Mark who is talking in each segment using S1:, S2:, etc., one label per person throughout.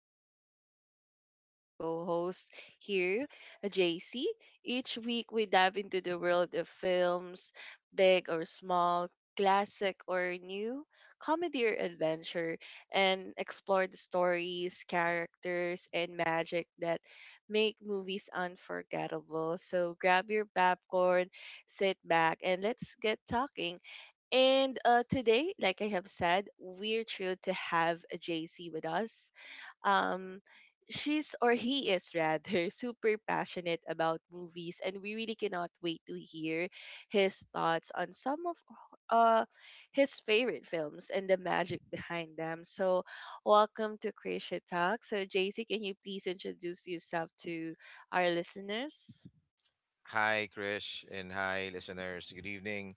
S1: and I'm joined by my amazing co host here, JC. Each week, we dive into the world of films, big or small, classic or new, comedy or adventure, and explore the stories, characters, and magic that make movies unforgettable. So grab your popcorn sit back, and let's get talking. And today, like I have said, we're thrilled to have JC with us. Um, she's or he is rather super passionate about movies, and we really cannot wait to hear his thoughts on some of uh, his favorite films and the magic behind them. So, welcome to Creation Talk. So, JC, can you please introduce yourself to our listeners?
S2: Hi, Krish, and hi, listeners. Good evening.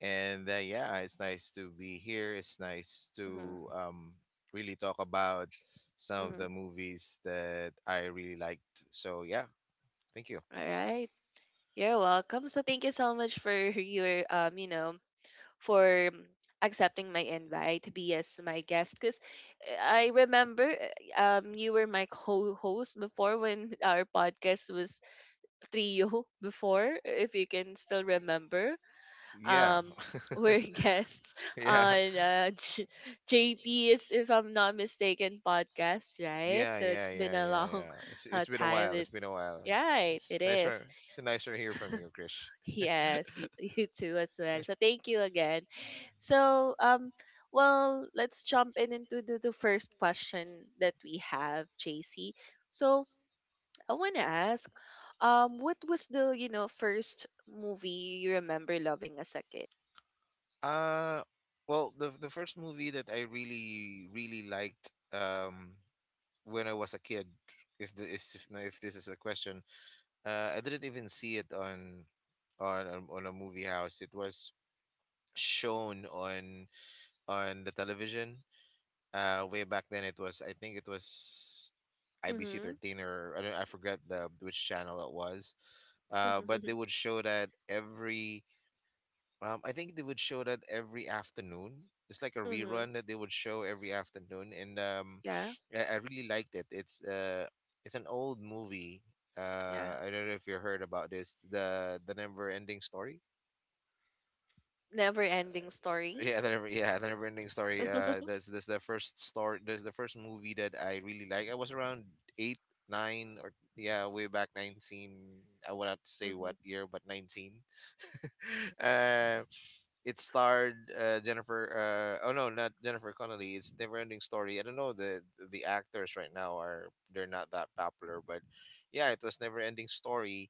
S2: And yeah, it's nice to be here. It's nice
S1: Mm-hmm.
S2: to really talk about some of
S1: Mm-hmm.
S2: the movies that I really liked. So yeah, thank you.
S1: All right. You're welcome. So thank you so much for your you know, for accepting my invite to be as my guest. Cause I remember you were my co-host before when our podcast was trio before, if you can still remember.
S2: Yeah,
S1: Um, we're guests
S2: yeah,
S1: on JP's, if I'm not mistaken, podcast, right?
S2: yeah,
S1: So
S2: yeah,
S1: it's been
S2: yeah,
S1: a
S2: yeah,
S1: long
S2: yeah. It's, it's been a
S1: time
S2: while.
S1: that.
S2: It's been a while. It's,
S1: Right,
S2: it's
S1: it is.
S2: nicer. It's nicer to hear from you, Krish.
S1: Yes, you, you too as well. So thank you again. So well, let's jump in into the first question that we have, JC. So I want to ask what was first movie you remember loving as a kid?
S2: Uh, well, the first movie that I really really liked when I was a kid. If the is if, No, if this is a question, I didn't even see it on a movie house. It was shown on the television. Way back then, it was I think it was IBC
S1: Mhm.
S2: 13, or I don't I forget the which channel it was. But they would show that every I think they would show that every afternoon. It's like a
S1: Mhm.
S2: rerun that they would show every afternoon, and
S1: Yeah.
S2: I really liked it. It's an old movie.
S1: Yeah.
S2: I don't know if you heard about this. It's The Never Ending Story.
S1: Never Ending Story.
S2: Yeah, the Never Ending Story. That's the first story. That's the first movie that I really like. I was around eight, nine, or yeah, way back 19. I would not say what
S1: Mhm.
S2: year, but 19. uh, It starred Jennifer. Oh, no, not Jennifer Connelly. It's Neverending Story. I don't know, the actors right now are they're not that popular, but yeah, it was Neverending Story,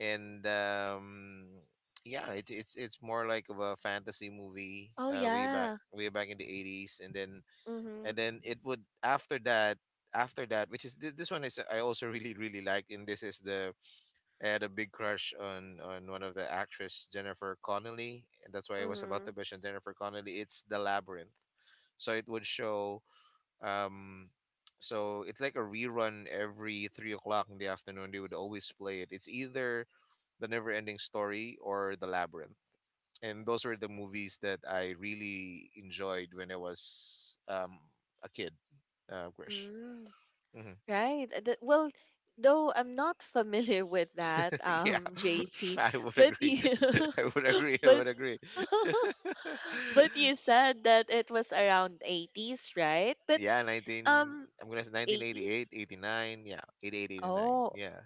S2: and yeah, it's more like of a fantasy movie.
S1: Oh
S2: Way back
S1: yeah.
S2: way back in the 80s. And then
S1: Mhm.
S2: and then it would, after that, this one is I also really really like. And this is the I had a big crush on one of the actress Jennifer Connelly, and that's why I was about to
S1: Mhm.
S2: mention Jennifer Connelly. It's the Labyrinth, so it would show. Um, so it's like a rerun every 3 o'clock in the afternoon. They would always play it. It's either the Never Ending Story or the Labyrinth, and those were the movies that I really enjoyed when I was a kid. Grish.
S1: Mm.
S2: Mm-hmm.
S1: Right. Well, though I'm not familiar with that,
S2: Yeah,
S1: JC,
S2: I would
S1: but
S2: agree.
S1: you,
S2: I would agree. I
S1: but
S2: would agree.
S1: but you said that it was around 80s, right? But
S2: yeah, 19,
S1: um
S2: I'm going to say 1988,
S1: 80s?
S2: 89. Yeah, 88, 89.
S1: Oh,
S2: Yeah.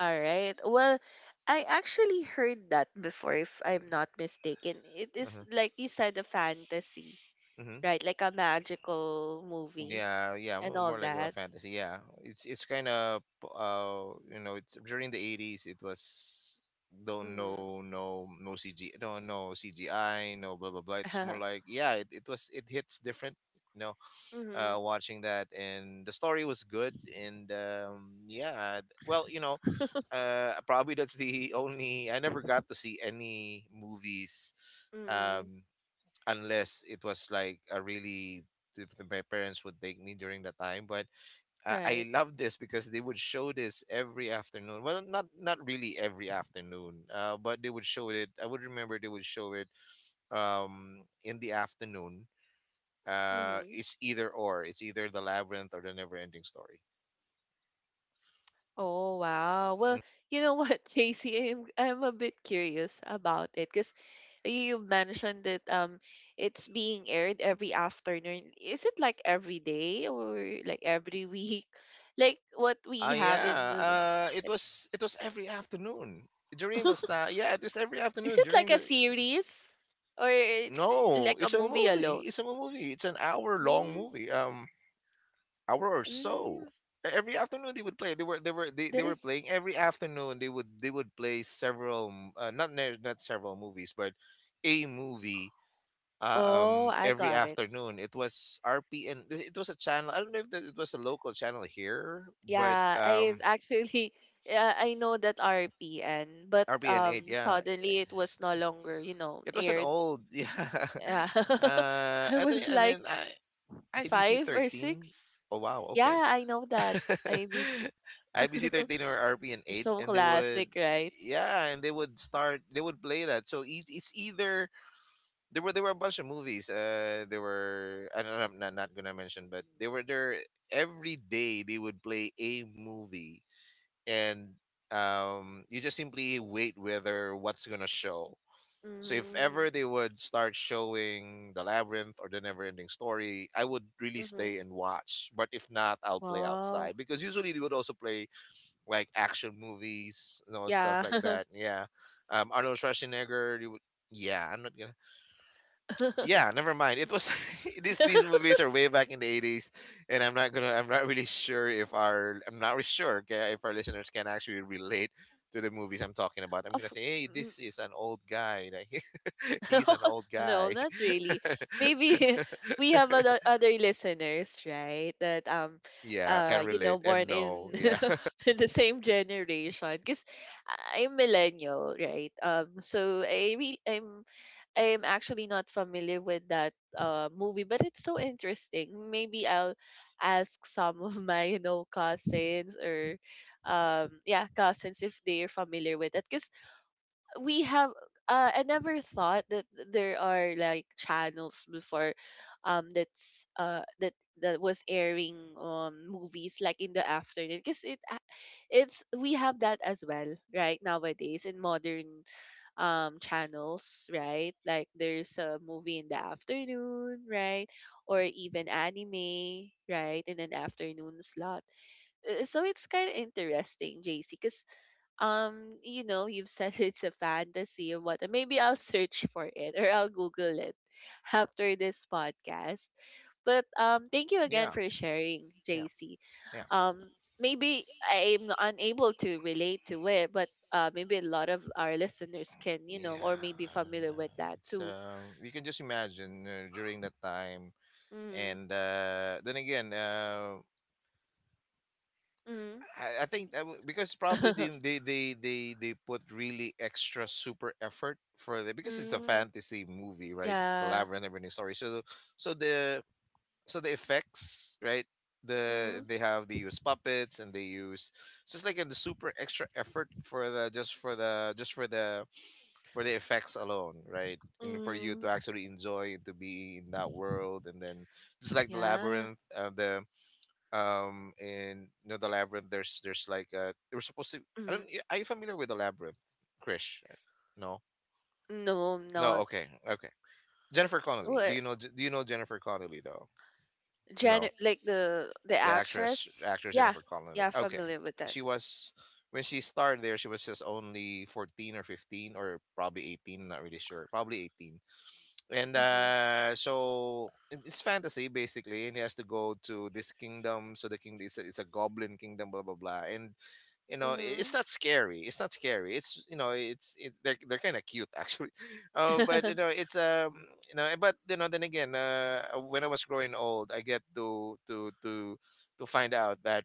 S1: all right. Well, I actually heard that before if I'm
S2: Mm.
S1: not mistaken. It is
S2: Uh-huh.
S1: like you said a fantasy,
S2: Hmm.
S1: right? Like a magical movie
S2: Yeah, yeah,
S1: and all
S2: more like a
S1: that.
S2: fantasy. Yeah, it's kind of you know, it's during the 80s. It was, don't,
S1: Mhm.
S2: no, no, no CG, no, no CGI, no, blah blah blah. It's more like, yeah, it hits different. You know,
S1: Mhm.
S2: watching that, and the story was good, and yeah, well, you know, probably that's the only, I never got to see any movies.
S1: Mm,
S2: Um, Unless it was like a really, my parents would take me during the time. But I
S1: right.
S2: love this because they would show this every afternoon. Well, not really every afternoon, but they would show it. I would remember, they would show it in the afternoon.
S1: Mm-hmm.
S2: It's either the Labyrinth or the Never Ending Story.
S1: Oh, wow. Well,
S2: Mm.
S1: you know what, JC, I'm a bit curious about it because you mentioned that it's being aired every afternoon. Is it like every day or like every week? Like what we have in the.
S2: Yeah, it was every
S1: Is
S2: afternoon
S1: it
S2: during
S1: like a
S2: the.
S1: series or it's
S2: No,
S1: like a
S2: it's a
S1: movie
S2: movie.
S1: alone?
S2: It's a movie. It's an hour long
S1: Mm,
S2: movie. Hour or so.
S1: mm,
S2: Every afternoon they would play. They
S1: that
S2: were
S1: is.
S2: playing every afternoon. They would play several not not several movies, but a movie.
S1: Oh, I
S2: Every
S1: got it.
S2: afternoon, it was RPN. It was a channel. I don't know if it was a local channel here, but
S1: Yeah, I've actually yeah, I know that RPN, but
S2: RPN 8. Yeah,
S1: suddenly it was no longer, you know,
S2: it was an
S1: aired.
S2: old. Yeah,
S1: Yeah. I
S2: I think.
S1: was
S2: And
S1: like
S2: then I IBC
S1: five or
S2: 13.
S1: six.
S2: Oh wow,
S1: Yeah,
S2: okay.
S1: I know that. ABC.
S2: IBC 13 or RP and 8,
S1: So
S2: and they would,
S1: classic, right?
S2: yeah and they would start. They would play that. So, it's either there were a bunch of movies. There were I don't know, I'm not gonna mention, but they were there. Every day, they would play a movie, and you just simply wait whether what's gonna show. So if ever they
S1: Mm-hmm.
S2: would start showing The Labyrinth or The Neverending Story, I would really
S1: Mm-hmm. Mm-hmm.
S2: stay and watch. But if not, I'll play
S1: Wow.
S2: outside because usually they would also play like action movies, you know, stuff
S1: Yeah.
S2: like that. Yeah, Arnold Schwarzenegger. You would, yeah, I'm not gonna yeah, never mind. It was, these movies are way back in the 80s. And I'm not really sure, okay, if our listeners can actually relate to the movies I'm talking about. I'm gonna
S1: of
S2: say, hey, this is an old guy, like, he's an old
S1: No,
S2: guy.
S1: not really. Maybe we have other listeners, right? That
S2: Yeah, can relate. And
S1: born in
S2: no, yeah.
S1: in the same generation. Because I'm millennial, right? So I re- I'm actually not familiar with that movie, but it's so interesting. Maybe I'll ask some of my cousins or yeah cousins if they're familiar with it. 'Cause we have I never thought that there are like channels before um that's uh that that was airing movies like in the afternoon because it a- it's we have that as well right nowadays in modern channels right like there's a movie in the afternoon right or even anime right in an afternoon slot so it's kind of interesting, JC, because you've said it's a fantasy or what. Maybe I'll search for it or I'll Google it after this podcast. But thank you again
S2: yeah,
S1: for sharing,
S2: yeah,
S1: JC.
S2: yeah,
S1: Um, Maybe I'm unable to relate to it, but maybe a lot of our listeners can, you know, or
S2: yeah.
S1: maybe familiar with that
S2: It's
S1: too.
S2: You can just imagine, during that time.
S1: Mm,
S2: And then again,
S1: mm,
S2: I think that because probably they, they they they they put really extra super effort, for the because it's a
S1: mm,
S2: fantasy movie, right? The
S1: yeah.
S2: Labyrinth and Everything Story. So the so the effects, right?
S1: Mm,
S2: They use puppets, and they use, so it's like a super extra effort for the just for the just for the effects alone, right? And for you to
S1: mm,
S2: actually enjoy and to be in that world. And then just like the
S1: yeah.
S2: Labyrinth, the in you know, the Labyrinth, there's like, they were supposed to, I don't are you familiar with the Labyrinth, Krish? No.
S1: No, I'm
S2: No.
S1: not.
S2: Okay, okay. Jennifer Connelly. do
S1: What
S2: you know do you know Jennifer Connelly? Though. No.
S1: Janet, like the
S2: The actress
S1: actress?
S2: actress
S1: Yeah,
S2: Jennifer Connelly.
S1: yeah,
S2: Okay.
S1: familiar with that.
S2: she was When she started there, she was just only 14 or 15, or probably 18, not really sure, probably 18. And
S1: Mm-hmm.
S2: so it's fantasy, basically, and he has to go to this kingdom, so the kingdom is a goblin kingdom, blah blah blah. And you know, it's
S1: Mm-hmm.
S2: not scary. It's not scary. It's you know it's it, they're, they're kind of cute, actually. But you know, it's you know, then again, when I was growing old, I get to find out that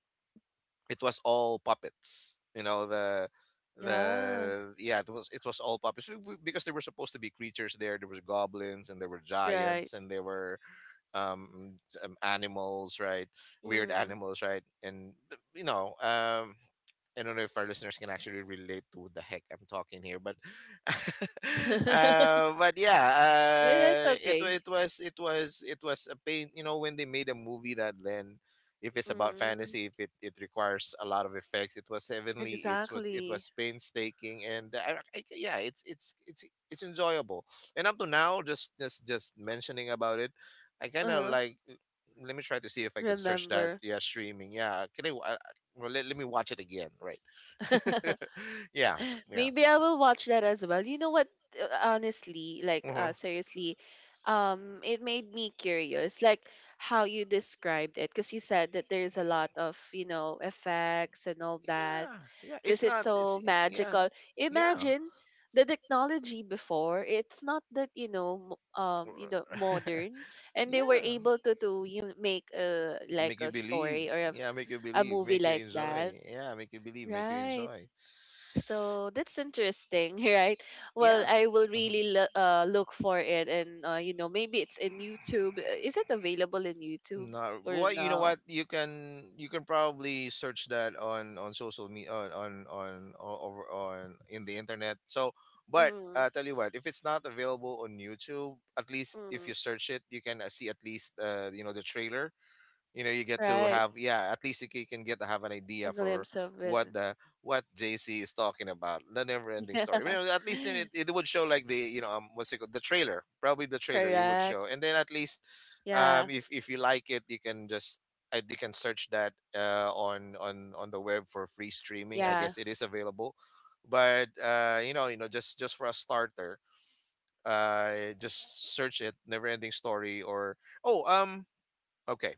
S2: it was all puppets. You know,
S1: Yeah,
S2: the yeah it was all puppets. Because there were supposed to be creatures. There were goblins, and there were, giants
S1: right.
S2: and there were um, animals, right? Weird
S1: Mm-hmm.
S2: animals, right? And you know, I don't know if our listeners can actually relate to what the heck I'm talking here, but but yeah,
S1: That's
S2: it wa-
S1: okay.
S2: it was it was it was a pain. You know, when they made a movie that, then, if it's about
S1: Mm,
S2: fantasy, if it requires a lot of effects, it was heavenly, it
S1: exactly.
S2: was painstaking. And yeah, it's enjoyable. And up to now, just mentioning about it, I kind of
S1: Uh-huh.
S2: like, let me try to see if I could search that.
S1: Remember.
S2: Yeah, streaming. Yeah, can I, well, let me watch it again, right? Yeah, yeah.
S1: Maybe I will watch that as well. You know what? Honestly, like
S2: Uh-huh.
S1: seriously, it made me curious, like how you described it, because you said that there's a lot of effects and all that,
S2: Yeah, yeah, it's
S1: because it's
S2: not it's
S1: so
S2: yeah,
S1: magical.
S2: yeah.
S1: Imagine the technology before. It's not that modern, and they were
S2: Yeah.
S1: able to you make a
S2: It
S1: like
S2: make you
S1: a
S2: believe.
S1: story or
S2: Yeah, make you
S1: a
S2: believe.
S1: movie
S2: Make you
S1: like that,
S2: enjoy. Yeah, make you believe. Make you
S1: right?
S2: enjoy.
S1: So that's interesting, right? Well,
S2: Yeah.
S1: I will
S2: Mhm.
S1: really look for it, and maybe it's in YouTube. Is it available in YouTube
S2: No,
S1: or
S2: well, you know
S1: no?
S2: what? You can probably search that on social media, on over on in the internet. So, but
S1: Mm,
S2: tell you what, if it's not available on YouTube, at least if
S1: mm,
S2: you search it, you can, see at least, you know, the trailer. You know, you get to
S1: right,
S2: have, yeah, at least you can get to have an idea
S1: a
S2: for
S1: glimpse of it.
S2: what the what JC is talking about, the Never Ending
S1: Yeah,
S2: Story. You know, at least then, it would show, like, the you know, what's it called, the trailer, probably the trailer, you would
S1: correct.
S2: show. And then at least,
S1: Yeah,
S2: if you like it, you can just, you can search that, on the web for free streaming. I
S1: yeah,
S2: guess it is available. But you know, just for a starter, just search it, Never Ending Story, or, oh, okay.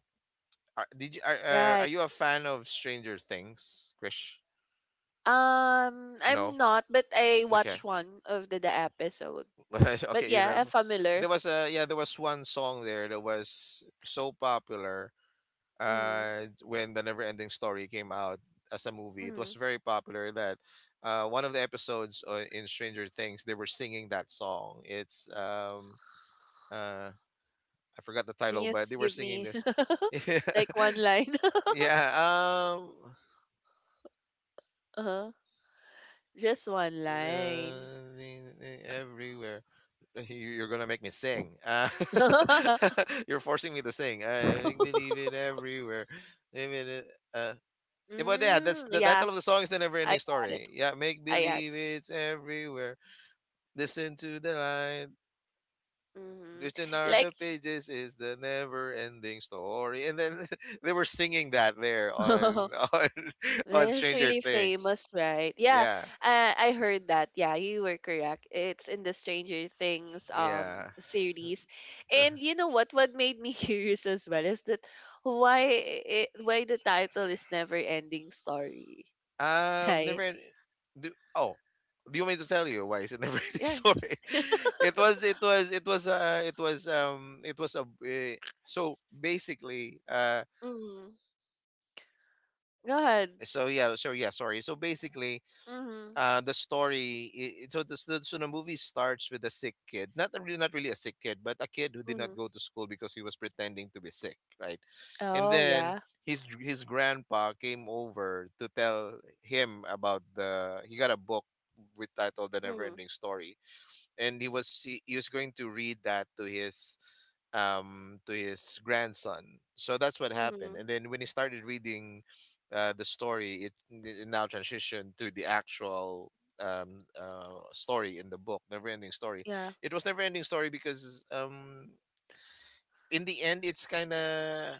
S1: right.
S2: Are you a fan of Stranger Things, Krish? No.
S1: I'm not, but I
S2: Okay.
S1: watched one of the episode. But
S2: Okay, you know,
S1: yeah, I'm familiar.
S2: there was one song there that was so popular.
S1: Mm,
S2: When the Never Ending Story came out as a movie, it was
S1: mm.
S2: very popular. That One of the episodes, in Stranger Things, they were singing that song. It's uh, I forgot the
S1: Can
S2: title,
S1: you
S2: but they were
S1: give
S2: singing
S1: me
S2: this.
S1: like one line?
S2: yeah, um,
S1: Uh-huh. Just one line.
S2: Everywhere. You're gonna make me sing. You're forcing me to sing. I make me leave it everywhere. Leave it. Yeah, that's
S1: Mm,
S2: the
S1: yeah,
S2: title of the song is the
S1: I
S2: never-ending
S1: got
S2: story.
S1: it.
S2: Yeah, make
S1: I got
S2: believe it's everywhere. Listen to the light.
S1: hmm
S2: Listen are the
S1: Like,
S2: pages is the never-ending story. And then they were singing that there on on
S1: that
S2: on
S1: is
S2: Stranger
S1: really
S2: Things.
S1: famous, right? Yeah,
S2: Yeah,
S1: I heard that. Yeah, you were correct. It's in the Stranger Things
S2: yeah.
S1: series. And you know what? What made me curious as well is that why the title is Never Ending Story,
S2: Never.
S1: right?
S2: End, do, oh, Do you want me to tell you why is it never ending
S1: Yeah.
S2: story? It was. It was. It was. It was. It was a. So basically.
S1: Mm, go ahead.
S2: So yeah. So yeah. Sorry. So basically,
S1: Mm-hmm.
S2: the story I- so the so so the movie starts with a sick kid, not a really not really a sick kid, but a kid who did not
S1: Mm-hmm.
S2: go to school because he was pretending to be sick, right? And
S1: Oh,
S2: then
S1: yeah.
S2: his grandpa came over to tell him about the he got a book with title the never
S1: Mm-hmm.
S2: ending story, and he was going to read that to his grandson. So that's what happened.
S1: Mhm.
S2: And then when he started reading the story, it now transitioned to the actual story in the book never ending story.
S1: Yeah.
S2: It was never ending story because in the end it's kind of...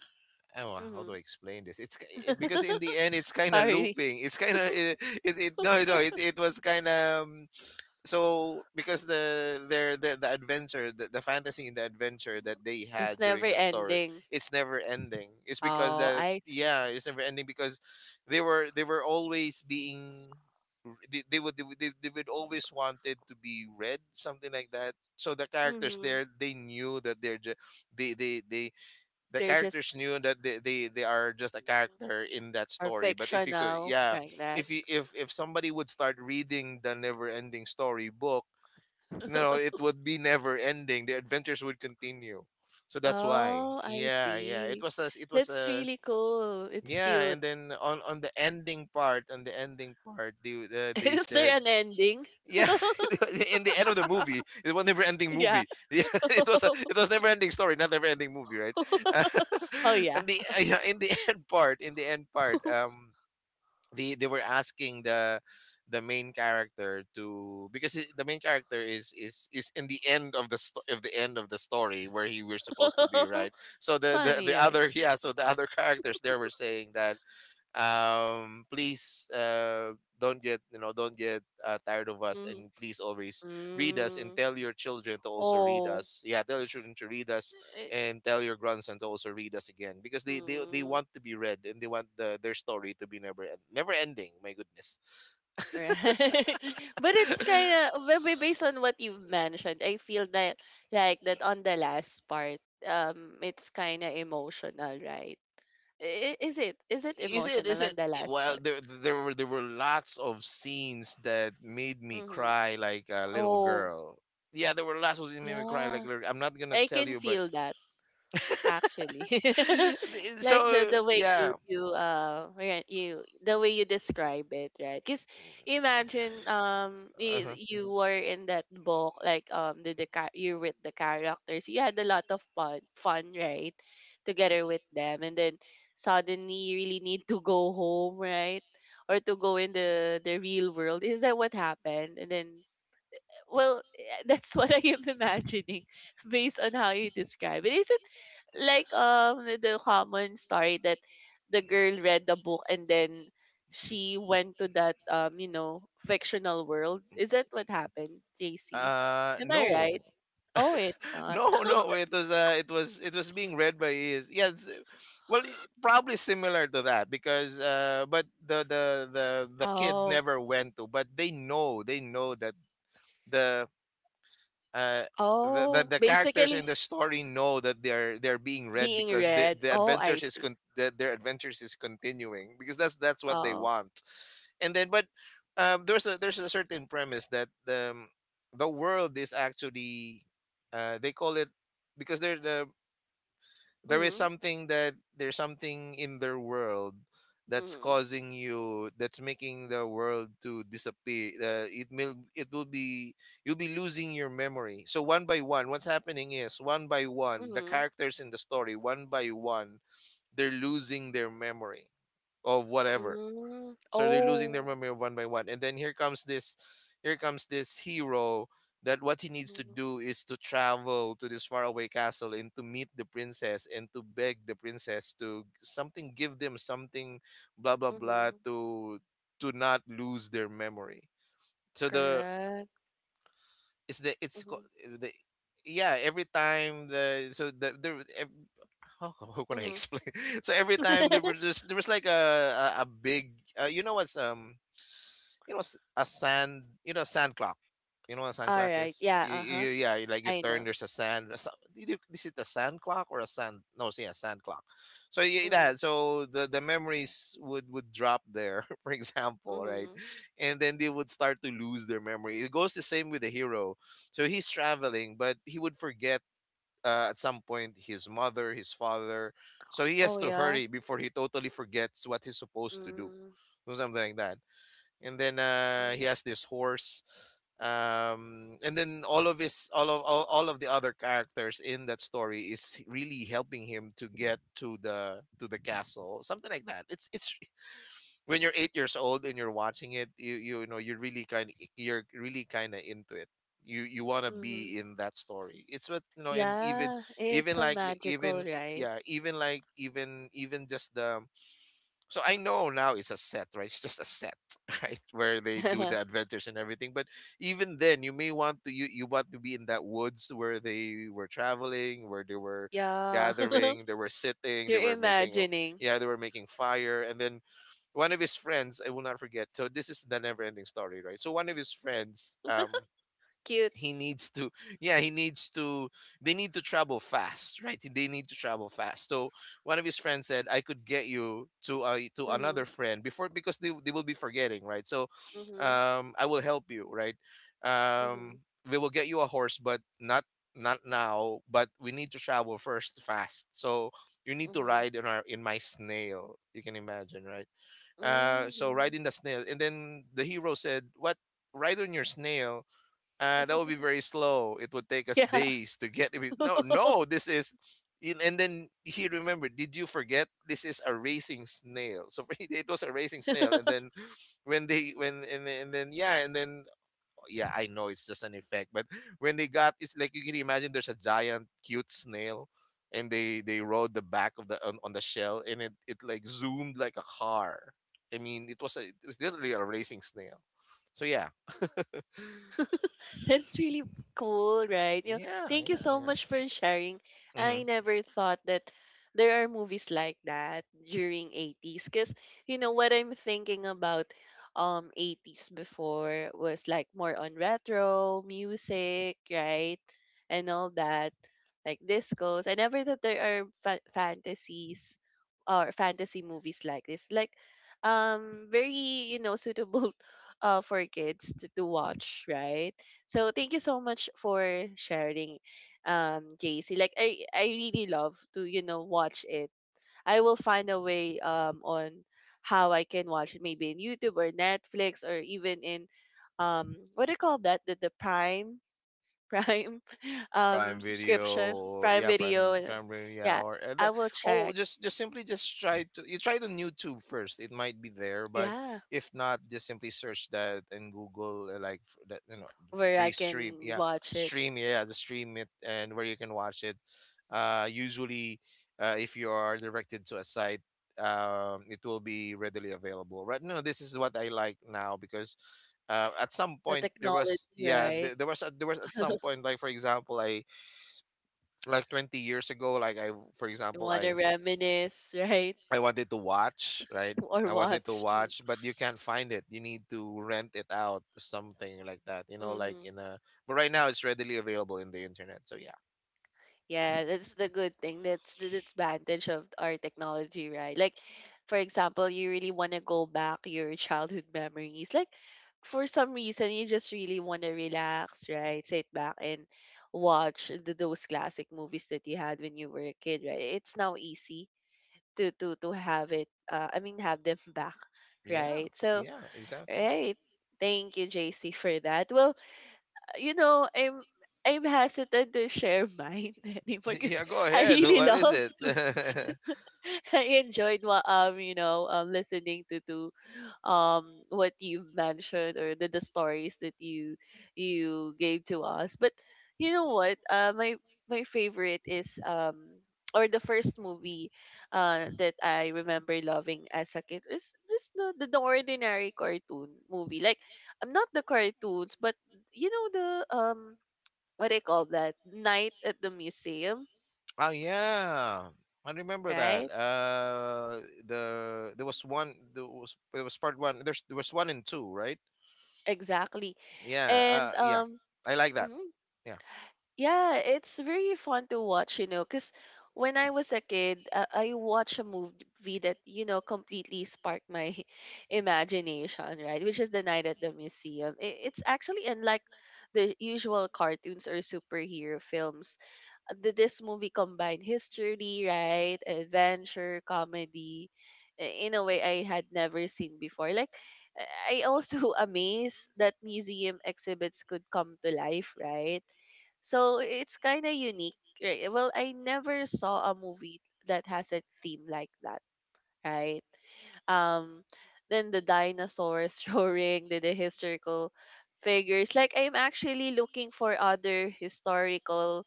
S2: Oh, how do
S1: Mhm.
S2: I explain this? Because in the end it's kind of
S1: Sorry.
S2: looping. It's kind of it, it, it. No, no. It was kind of, so because the adventure, the fantasy and the adventure that they
S1: It's
S2: had
S1: never
S2: during that story,
S1: ending.
S2: it's never ending. It's because
S1: Oh,
S2: that,
S1: I see.
S2: yeah, it's never ending, because they were always being, they would- they would always wanted to be read something like that. So the characters
S1: Mhm.
S2: there, they knew that they they they the
S1: They're just
S2: characters knew that they are just a character in that
S1: are
S2: story, but if you could,
S1: fictional
S2: yeah,
S1: like that.
S2: if somebody would start reading the never ending story book, no, it would be never ending. The adventures would continue. So that's why,
S1: Oh, I
S2: yeah, yeah,
S1: see.
S2: it was
S1: That's
S2: a...
S1: really cool. It's
S2: Yeah,
S1: cute.
S2: and then on the ending part, on the ending part they
S1: Is
S2: said,
S1: there an ending?
S2: yeah, in the end of the movie, it was never ending
S1: Yeah.
S2: movie. Yeah, it was never ending story, not never ending movie, right? Uh,
S1: Oh yeah.
S2: and the yeah, in the end part, in the end part, they were asking the main character to, the main character is in the end of the end of the story, where he was supposed to be, right? So
S1: It's funny,
S2: the
S1: right?
S2: other, yeah, so the other characters there were saying that, please, don't get, don't get, tired of us,
S1: Mm-hmm.
S2: and please always read us and
S1: Mm.
S2: tell your children to also read
S1: Oh.
S2: us. Yeah, tell your children to read us
S1: Eh,
S2: and tell your grandson to also read us again, because they
S1: mm.
S2: want to be read, and they want their story to be never ending. My goodness.
S1: Right. But it's kind of based on what you've mentioned, I feel that like that on the last part, it's kind of emotional, right? I- Is it is it emotional on the last
S2: Well,
S1: part?
S2: there were lots of scenes that made me
S1: Mm-hmm.
S2: cry like a little
S1: Oh,
S2: girl. Yeah, there were lots of scenes that made me cry like
S1: yeah.
S2: a little- I'm not gonna
S1: I
S2: tell
S1: can
S2: you, but
S1: feel that, actually. Like the
S2: so
S1: the way you
S2: yeah.
S1: you uh yeah, you the way you describe it, right? Because imagine you,
S2: Uh-huh.
S1: you were in that book like you with the characters you had a lot of fun right together with them and then suddenly you really need to go home right or to go in the real world is that what happened and then well, that's what I am imagining based on how you describe it. Is it like the common story that the girl read the book and then she went to that fictional world? Is that what happened, JC?
S2: Uh,
S1: Am I
S2: no.
S1: right? Oh, it's not.
S2: No, no. It was, it was being read by ears. Yes. Well, probably similar to that, because but the the kid
S1: Oh,
S2: never went to, but they know that the uh,
S1: oh,
S2: the characters in
S1: basically
S2: the story know that they're being read,
S1: being
S2: because
S1: read.
S2: the
S1: Oh, I
S2: adventures
S1: see.
S2: their adventures is continuing, because that's what they
S1: Oh,
S2: want. And then, but there's a, there's a certain premise that the world is actually, they call it, because they're the, there is
S1: mhm.
S2: something, that there's something in their world that's
S1: Mhm.
S2: causing you, that's making the world to disappear. It will, it will be, you'll be losing your memory. So one by one, what's happening is, one by one the
S1: Mhm.
S2: characters in the story, one by one, they're losing their memory of whatever.
S1: Mm-hmm.
S2: So they're losing their
S1: Oh,
S2: memory one by one. And then here comes this, here comes this hero, that what he needs to
S1: mm-hmm.
S2: do is to travel to this faraway castle and to meet the princess and to beg the princess to something, give them something, blah blah blah,
S1: Mm-hmm.
S2: to not lose their memory. So
S1: Correct.
S2: the it's co-
S1: Mhm.
S2: the yeah, every time the so the there ev- how, how can I
S1: Mhm.
S2: explain, so every time
S1: Alright.
S2: there were just, there was like a big, uh, you know what's um you know, a sand, you know, sand clock. You know what a sand clock is,
S1: Yeah. Uh-huh.
S2: yeah, you, like you
S1: I
S2: turn,
S1: know.
S2: there's a sand, did you, is it a sand clock or a sand, no, see, a sand clock. So yeah,
S1: Mhm.
S2: that, so the memories would drop there, for example, right?
S1: Mhm.
S2: And then they would start to lose their memory. It goes the same with the hero. So he's traveling, but he would forget, at some point, his mother, his father. So he has
S1: Oh
S2: to
S1: yeah.
S2: hurry before he totally forgets what he's supposed to do,
S1: Mm.
S2: or something like that. And then he
S1: Mm.
S2: has this horse, and then all of his all of the other characters in that story is really helping him to get to the, to the castle, something like that. It's When you're 8 years old and you're watching it, you know, you're really kind, you're really kind of into it. You want to
S1: Mhm.
S2: be in that story. It's what you know. And even,
S1: Yeah. It's
S2: even
S1: so
S2: like
S1: magical,
S2: even
S1: right?
S2: yeah, even like even even just the... So I know now it's a set, right? It's just a set, right? Where they do the adventures and everything. But even then, you may want to, you want to be in that woods where they were traveling, where they were
S1: Yeah.
S2: gathering, they were sitting, they
S1: You're
S2: were making a,
S1: imagining.
S2: yeah, they were making fire. And then one of his friends, I will not forget. So this is the never ending story, right? So one of his friends,
S1: Cute.
S2: he needs to, yeah, he needs to, they need to travel fast, right? They need to travel fast. So one of his friends said, I could get you to, to another
S1: Mhm.
S2: friend before, because they will be forgetting, right? So
S1: Mhm.
S2: I will help you, right?
S1: Mhm.
S2: um we will get you a horse, but not, not now, but we need to travel first fast. So you need to
S1: Mhm.
S2: ride in our in my snail, you can imagine, right? So ride
S1: Mhm.
S2: in the snail. And then the hero said, what, ride on your snail? That would be very slow. It would take us
S1: Yeah.
S2: days to get it. No, no, this is... and then he remembered, did you forget? This is a racing snail. So it was a racing snail. And then when they, when, and then, yeah, and then, oh, yeah, I know it's just an effect. But when they got, it's like you can imagine, there's a giant, cute snail. And they rode the back of the, on the shell. And it like zoomed like a car. I mean, it was literally a racing snail. So yeah.
S1: That's really cool, right? You know,
S2: Yeah,
S1: thank you
S2: yeah,
S1: so
S2: yeah.
S1: much for sharing.
S2: Mm-hmm.
S1: I never thought that there are movies like that during 80s because you know what I'm thinking about 80s before was like more on retro music, right? And all that like discos. I never thought there are fantasies or fantasy movies like this. Like very, suitable for kids to watch, right? So thank you so much for sharing, JC. Like I really love to watch it. I will find a way on how I can watch it, maybe in YouTube or Netflix or even in what do you call that the Prime Prime
S2: Prime
S1: subscription
S2: Video,
S1: Prime
S2: yeah,
S1: Video.
S2: Prime Video, yeah,
S1: Yeah, I will
S2: oh,
S1: check.
S2: just simply just try to, you try the YouTube first. It might be there, but
S1: Yeah,
S2: if not, just simply search that in Google, that, you know,
S1: where I
S2: free
S1: can watch it.
S2: stream, yeah, the stream it and where you can watch it. Usually, if you are directed to a site, it will be readily available. Right now, this is what I like now because at some
S1: The
S2: point there
S1: technology,
S2: was, yeah,
S1: right?
S2: there was there was at some point, like, for example, I, 20 years ago, like, I for
S1: You
S2: example
S1: want to
S2: i
S1: reminisce, right?
S2: i wanted to watch, right,
S1: Or
S2: I wanted to
S1: watch.
S2: watch but you can't find it, you need to rent it out, something like that, you know, like
S1: Mm-hmm.
S2: in a but right now it's readily available in the internet, so yeah,
S1: Yeah, that's the good thing. That's the advantage of our technology, right? Like, for example, you really want to go back your childhood memories. Like, for some reason, you just really want to relax, right? Sit back and watch those classic movies that you had when you were a kid, right? It's now easy to have it. I mean, have them back,
S2: yeah,
S1: right? So,
S2: yeah, exactly.
S1: right. Thank you, JC, for that. Well, you know, I'm hesitant to share mine anymore because
S2: Yeah, go
S1: I
S2: ahead,
S1: really
S2: what is
S1: love,
S2: it?
S1: I enjoyed what listening to what you mentioned or the stories that you gave to us. But you know what? My favorite is or the first movie that I remember loving as a kid is just the ordinary cartoon movie. Like I'm not the cartoons, but you know the um what do you call that? Night at the Museum,
S2: Oh yeah, I remember that.
S1: right?
S2: There was one. There was part one. There was one and two, right?
S1: Exactly.
S2: Yeah.
S1: and
S2: Yeah.
S1: um
S2: I like that.
S1: mhm,
S2: Yeah.
S1: yeah, it's very fun to watch, you know, because when I was a kid, I watched a movie that, you know, completely sparked my imagination, right? Which is the Night at the Museum. It's actually unlike the usual cartoons or superhero films. This movie combined history, right, adventure, comedy, in a way I had never seen before. Like, I also amazed that museum exhibits could come to life, right? So it's kind of unique, right? Well, I never saw a movie that has a theme like that, right? Um, then the dinosaurs roaring, the historical figures. Like I'm actually looking for other historical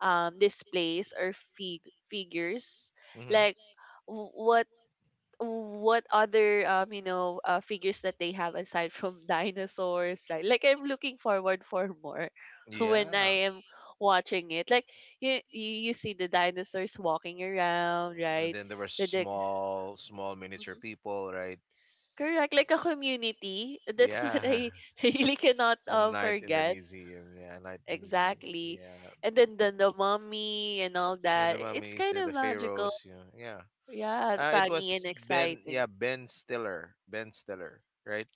S1: displays or figures, like w- what what other figures that they have aside from dinosaurs, right? Like I'm looking forward for more when
S2: Yeah.
S1: I am watching it. Like you see the dinosaurs walking around,
S2: And
S1: right?
S2: then there were
S1: The
S2: small, small miniature
S1: Mhm.
S2: people, right?
S1: Correct, like a community. That's
S2: Yeah.
S1: what I really cannot
S2: A night in the
S1: forget.
S2: museum. Yeah, a night in the museum.
S1: Exactly.
S2: Yeah.
S1: And then the mummy and all
S2: With
S1: that,
S2: the
S1: it's
S2: mummies,
S1: kind
S2: the
S1: of magical.
S2: pharaohs. Yeah. Yeah.
S1: Yeah,
S2: It
S1: funny and
S2: was Ben.
S1: exciting.
S2: Yeah, Ben Stiller. Ben Stiller, right?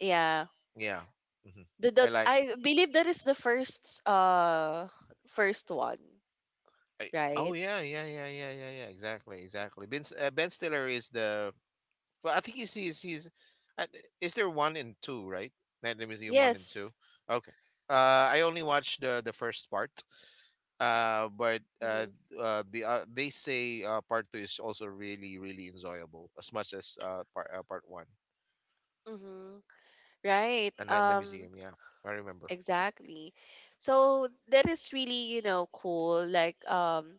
S1: Yeah.
S2: Yeah. Hmm.
S1: The,
S2: I
S1: the
S2: like.
S1: I believe that is the first first one,
S2: I, oh
S1: right?
S2: yeah, yeah, yeah, yeah, yeah, yeah. Exactly, exactly. Ben Stiller is the. Well, I think he's he's. He's uh, is there one and two, right? Night at Museum one and two.
S1: Yes.
S2: Okay. I only watched the first part. But
S1: Mm-hmm.
S2: the they say part two is also really, really enjoyable as much as part one.
S1: Mm-hmm. Right.
S2: A Night in the
S1: Um
S2: Museum. Yeah, I remember.
S1: exactly. So that is really, you know, cool. Like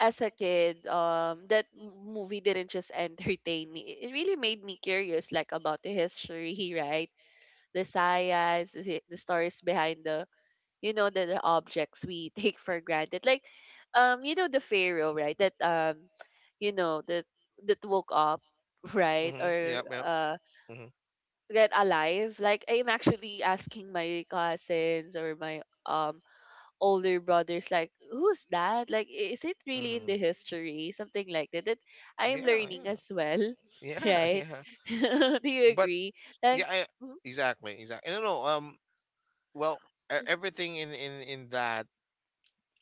S1: as a kid, that movie didn't just entertain me. It really made me curious, like about the history, right? The science, the stories behind the you know the objects we take for granted, like you know the pharaoh, right, that you know that that woke up, right?
S2: Mm-hmm.
S1: Or
S2: Yeah, yeah. Mm-hmm.
S1: get alive. Like I'm actually asking my cousins or my older brothers, like who's that? Like is it really in
S2: Hmm.
S1: the history, something like that, that I'm
S2: Yeah,
S1: learning as well,
S2: yeah, yeah,
S1: right?
S2: yeah.
S1: do you
S2: But
S1: agree? Like
S2: yeah, I,
S1: mm-hmm,
S2: exactly, exactly. No, no. Well, everything in that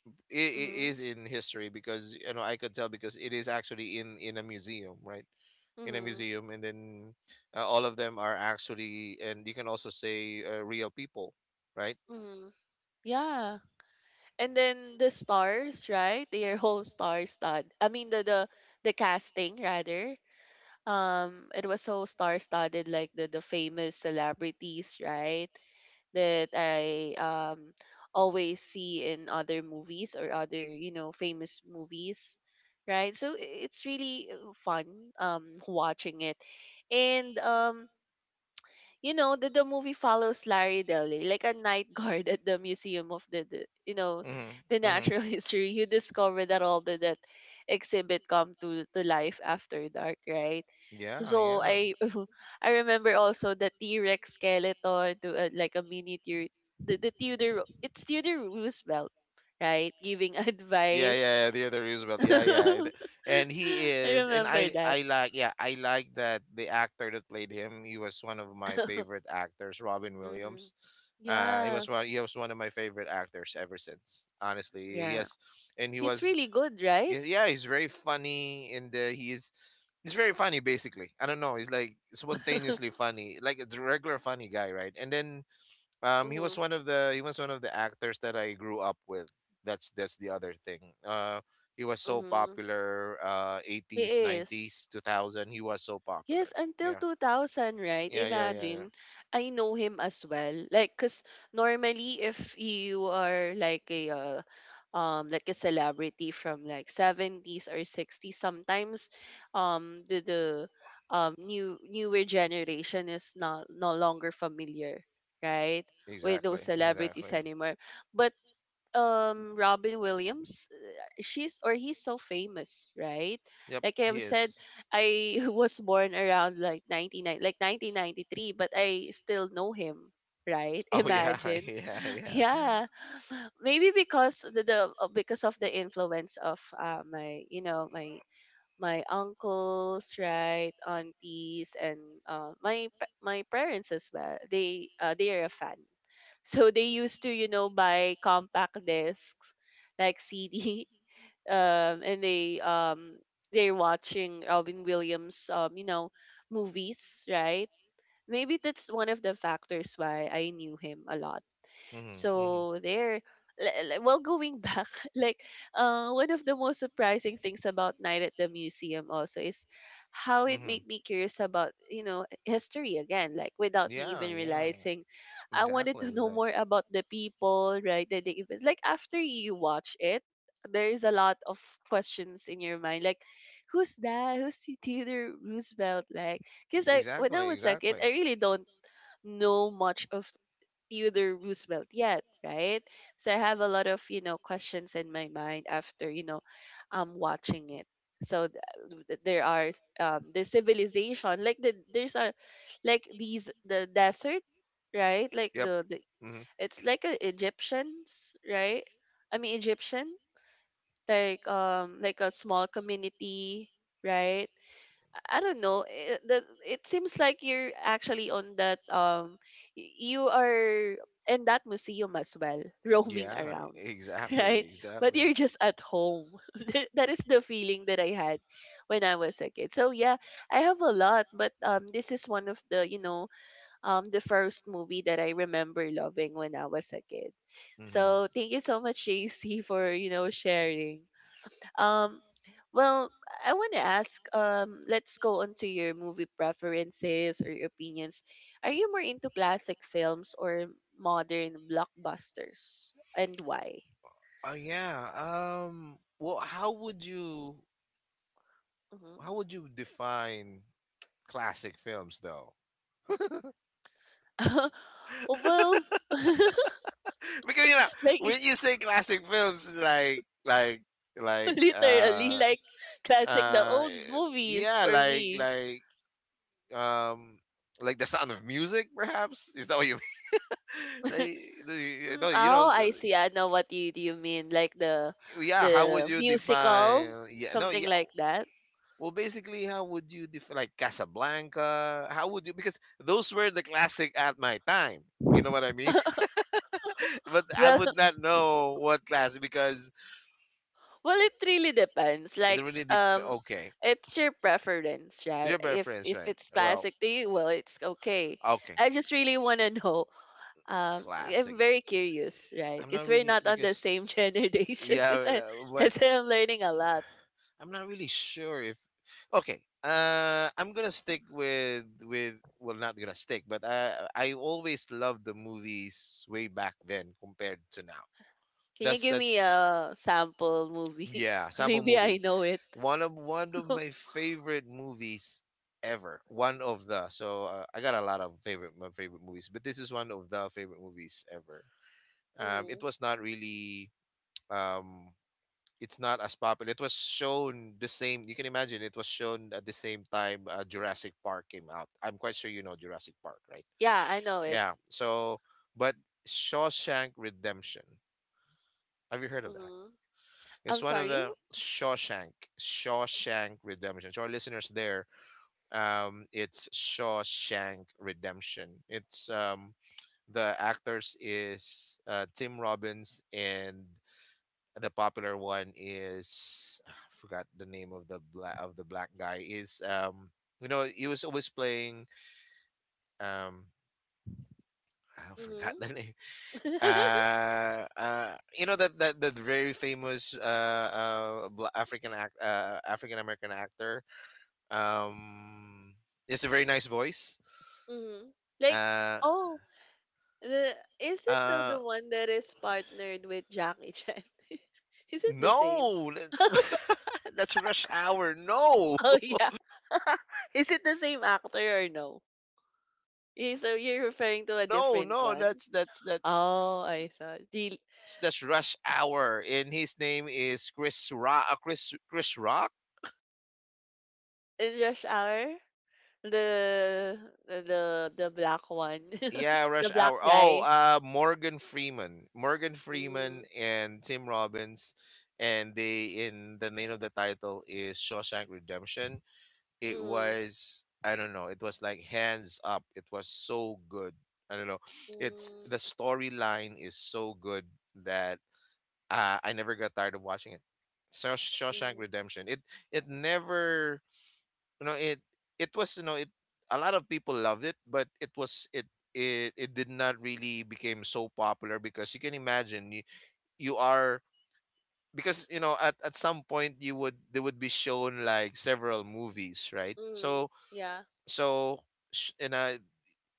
S2: I
S1: mm-hmm,
S2: is in history because you know I could tell because it is actually in a museum, right? In a
S1: mm-hmm,
S2: museum, and then all of them are actually, and you can also say real people, right?
S1: mm-hmm. Yeah. And then the stars, right? Their whole star stud. I mean the the casting rather. It was so star studded, like the famous celebrities, right? That I always see in other movies or other, you know, famous movies, right? So it's really fun watching it, and you know the movie follows Larry Daly, like a night guard at the museum of the, the you know
S2: Mm-hmm.
S1: the
S2: Mm-hmm.
S1: natural history. You discover that all the that exhibit come to life after dark, right?
S2: Yeah,
S1: So
S2: yeah.
S1: I I remember also the T Rex skeleton to a, like a miniature Theodore, it's Theodore Roosevelt, right? Giving
S2: Yeah,
S1: advice.
S2: yeah, yeah. The other Roosevelt.
S1: I
S2: Yeah, yeah. And he is, and
S1: remember
S2: I,
S1: that.
S2: I like, yeah, I like that the actor that played him. He was one of my favorite actors, Robin
S1: hmm.
S2: Williams. He was
S1: Yeah,
S2: one. He was one of my favorite actors ever since. Honestly,
S1: yeah.
S2: yes, and he
S1: He's
S2: was.
S1: really good, right?
S2: Yeah, he's very funny, and he's very funny, basically. I don't know. He's like spontaneously funny, like a regular funny guy, right? And then he
S1: Mm-hmm.
S2: was one of the he was one of the actors that I grew up with. That's the other thing. Uh, he was so
S1: Mm-hmm.
S2: popular.
S1: He
S2: Eighties,
S1: is.
S2: nineties, 2000. He was so popular.
S1: Yes, until
S2: Yeah,
S1: 2000, right?
S2: yeah, yeah, yeah, yeah.
S1: Imagine. I know him as well. Like, because normally if you are like a celebrity from like '70s or '60s, sometimes the new newer generation is not no longer familiar, right? With those
S2: Exactly,
S1: celebrities
S2: exactly.
S1: anymore. But Robin Williams, she's or he's so famous, right?
S2: Yep,
S1: Like
S2: he
S1: I've said,
S2: is.
S1: I was born around like 99, like 1993, but I still know him, right?
S2: Oh yeah,
S1: Imagine.
S2: yeah, yeah.
S1: Yeah. Maybe because the because of the influence of my, you know, my uncles, right, aunties, and my parents as well. They are a fan, so they used to, you know, buy compact discs like CD, and they're watching Robin Williams, you know, movies, right? Maybe that's one of the factors why I knew him a lot.
S2: Mm-hmm, mm-hmm.
S1: So there, well, going back, like one of the most surprising things about Night at the Museum also is how it
S2: Mm-hmm.
S1: made me curious about, you know, history again, like without me
S2: Yeah,
S1: even
S2: yeah.
S1: realizing. I wanted
S2: Exactly,
S1: to know
S2: exactly.
S1: more about the people, right? The events. Like after you watch it, there is a lot of questions in your mind, like who's that? Who's Theodore Roosevelt? Like, because I when I
S2: Exactly,
S1: was a kid,
S2: exactly.
S1: I really don't know much of Theodore Roosevelt yet, right? So I have a lot of, you know, questions in my mind after, you know, watching it. So there are the civilization, like the desert, right? Like
S2: Yep.
S1: the
S2: Mm-hmm.
S1: it's like a Egyptians, right? I mean Egyptian, like a small community, right? I don't know. It seems like you're actually on that you are in that museum as well, roaming
S2: Yeah,
S1: around,
S2: exactly,
S1: right? But
S2: exactly.
S1: you're just at home. That is the feeling that I had when I was a kid. So yeah, I have a lot, but this is one of the, you know, the first movie that I remember loving when I was a kid.
S2: Mm-hmm.
S1: So thank you so much, JC, for, you know, sharing. Um, well, I want to ask, let's go on to your movie preferences or your opinions. Are you more into classic films or modern blockbusters, and why?
S2: Oh yeah. Well, how would you,
S1: Hmm.
S2: define classic films though?
S1: well,
S2: Because you know,
S1: like
S2: when you say classic films, like, like
S1: literally,
S2: uh
S1: like classic, the
S2: uh
S1: old movies
S2: yeah,
S1: for me.
S2: like, um like the Sound of Music, perhaps, is that what you mean? Like the,
S1: Mm,
S2: no, you know
S1: oh,
S2: the,
S1: I see. I know what you mean, like
S2: yeah, how would
S1: the
S2: you
S1: musical,
S2: define, yeah, no,
S1: something
S2: yeah,
S1: like that.
S2: well, basically, how would you define, like, Casablanca, how would you? Because those were the classic at my time, you know what I mean? But I
S1: Well,
S2: would not know what classic because
S1: well, it really depends.
S2: they
S1: Like,
S2: really dep,
S1: um,
S2: okay,
S1: it's your preference, right?
S2: your preference,
S1: If
S2: right,
S1: it's
S2: well,
S1: classic to you, well, it's okay.
S2: okay,
S1: I just really want to know. I'm
S2: classic.
S1: very curious, right?
S2: I'm
S1: Because
S2: not
S1: we're
S2: really
S1: not on the
S2: because
S1: same generation.
S2: yeah,
S1: Because I, I
S2: but
S1: say I'm learning a lot.
S2: I'm not really sure if, okay. I'm gonna stick with well, not gonna stick, but I always loved the movies way back then compared to now.
S1: Can you give me
S2: That's
S1: a sample movie?
S2: yeah, sample
S1: Maybe I
S2: movie.
S1: know it.
S2: One of my favorite movies ever. One of the So I got a lot of favorite my favorite movies, but this is one of the favorite movies ever. It
S1: hmm.
S2: was not really. um, it's not as popular. It was shown the same. You can imagine it was shown at the same time, Jurassic Park came out. I'm quite sure you know Jurassic Park, right?
S1: Yeah, I know it.
S2: Yeah. So, but Shawshank Redemption. Have you heard of that?
S1: Hmm. I'm
S2: It's one of
S1: sorry.
S2: the Shawshank, Shawshank Redemption. So our listeners there, it's Shawshank Redemption. It's the actors is Tim Robbins, and the popular one is I forgot the name of the black guy, is, you know, he was always playing, um I forgot
S1: Hmm.
S2: the name. You know, that very famous, African, act African American actor, um he has a very nice voice.
S1: hmm. Like,
S2: uh
S1: oh, The is it the
S2: uh
S1: one that is partnered with Jackie Chan? is it the same?
S2: no, that's Rush Hour, no.
S1: Oh yeah. is it the same actor or no? Yeah, so you're referring to a
S2: no
S1: different
S2: no
S1: one? Oh, I thought the
S2: That's Rush Hour, and his name is Chris Rock. Chris Rock.
S1: in Rush Hour the the black one,
S2: Yeah,
S1: the
S2: Rush
S1: black
S2: Hour. Oh,
S1: guy.
S2: Morgan Freeman, Morgan Freeman,
S1: Mm,
S2: and Tim Robbins, and they in the name of the title is Shawshank Redemption. It
S1: mm,
S2: was I don't know, it was like hands up, it was so good. I don't know. It's
S1: mm,
S2: the storyline is so good that I never got tired of watching it. Shawshank
S1: mm,
S2: Redemption. It never you know it was, you know, it a lot of people loved it, but it it did not really became so popular because you can imagine, you are, because you know at some point you would, they would be shown like several movies, right,
S1: mm,
S2: so,
S1: yeah.
S2: so, you know,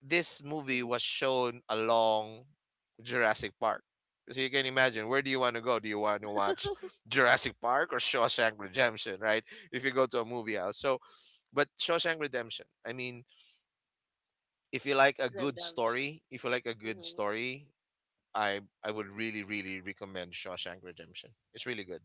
S2: this movie was shown along Jurassic Park, so you can imagine, where do you want to go, do you want to watch Jurassic Park or Shawshank Redemption, right, if you go to a movie house, so, but Shawshank Redemption, I mean, if you like a good
S1: Redemption.
S2: story, if you like a good
S1: Mm-hmm.
S2: story, I would
S1: Mm-hmm.
S2: really, really recommend Shawshank Redemption. It's really good.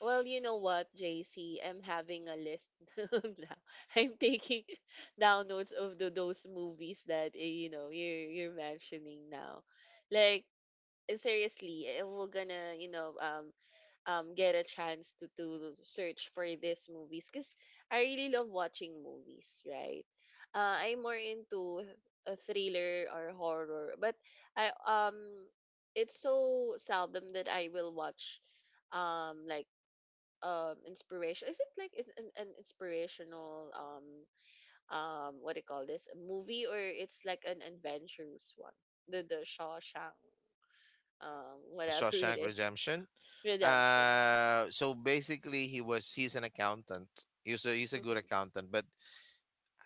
S1: Well, you know what, JC? I'm having a list now. I'm taking downloads of the, those movies that you know you're mentioning now. Like seriously, if we're gonna, you know, get a chance to search for these movies, cause I really love watching movies, right? I'm more into a thriller or horror, but I it's so seldom that I will watch like inspiration, is it like it's an inspirational what do you call this, a movie, or it's like an adventurous one, the Shawshank,
S2: Yeah,
S1: whatever it
S2: Shawshank
S1: is.
S2: Redemption.
S1: Redemption.
S2: So basically, he was, he's an accountant. He was a, he's a good
S1: Mm-hmm.
S2: accountant, but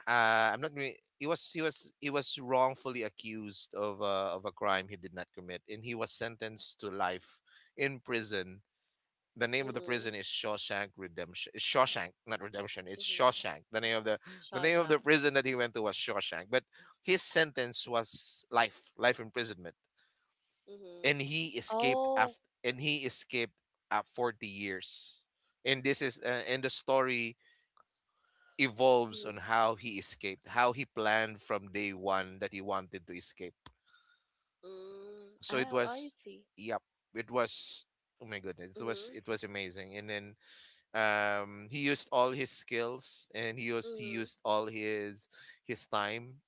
S2: I'm not. He was, he was wrongfully accused of, of a crime he did not commit, and he was sentenced to life in prison. The name of the
S1: Mm-hmm.
S2: prison is Shawshank Redemption. It's Shawshank, not Redemption. It's
S1: Mm-hmm.
S2: Shawshank. The name of the
S1: Shawshank.
S2: prison that he went to was Shawshank. But his sentence was life, life imprisonment,
S1: Mm-hmm.
S2: and
S1: Oh.
S2: he escaped at 40 years. And this is and the story evolves
S1: Mm-hmm.
S2: on how he escaped, how he planned from day one that he wanted to escape.
S1: Mm,
S2: So it
S1: oh, I
S2: was,
S1: see.
S2: yep, it was. Oh my goodness, it was, it
S1: Mm-hmm.
S2: was amazing. And then he used all his skills, and he
S1: Mm-hmm.
S2: used all his time,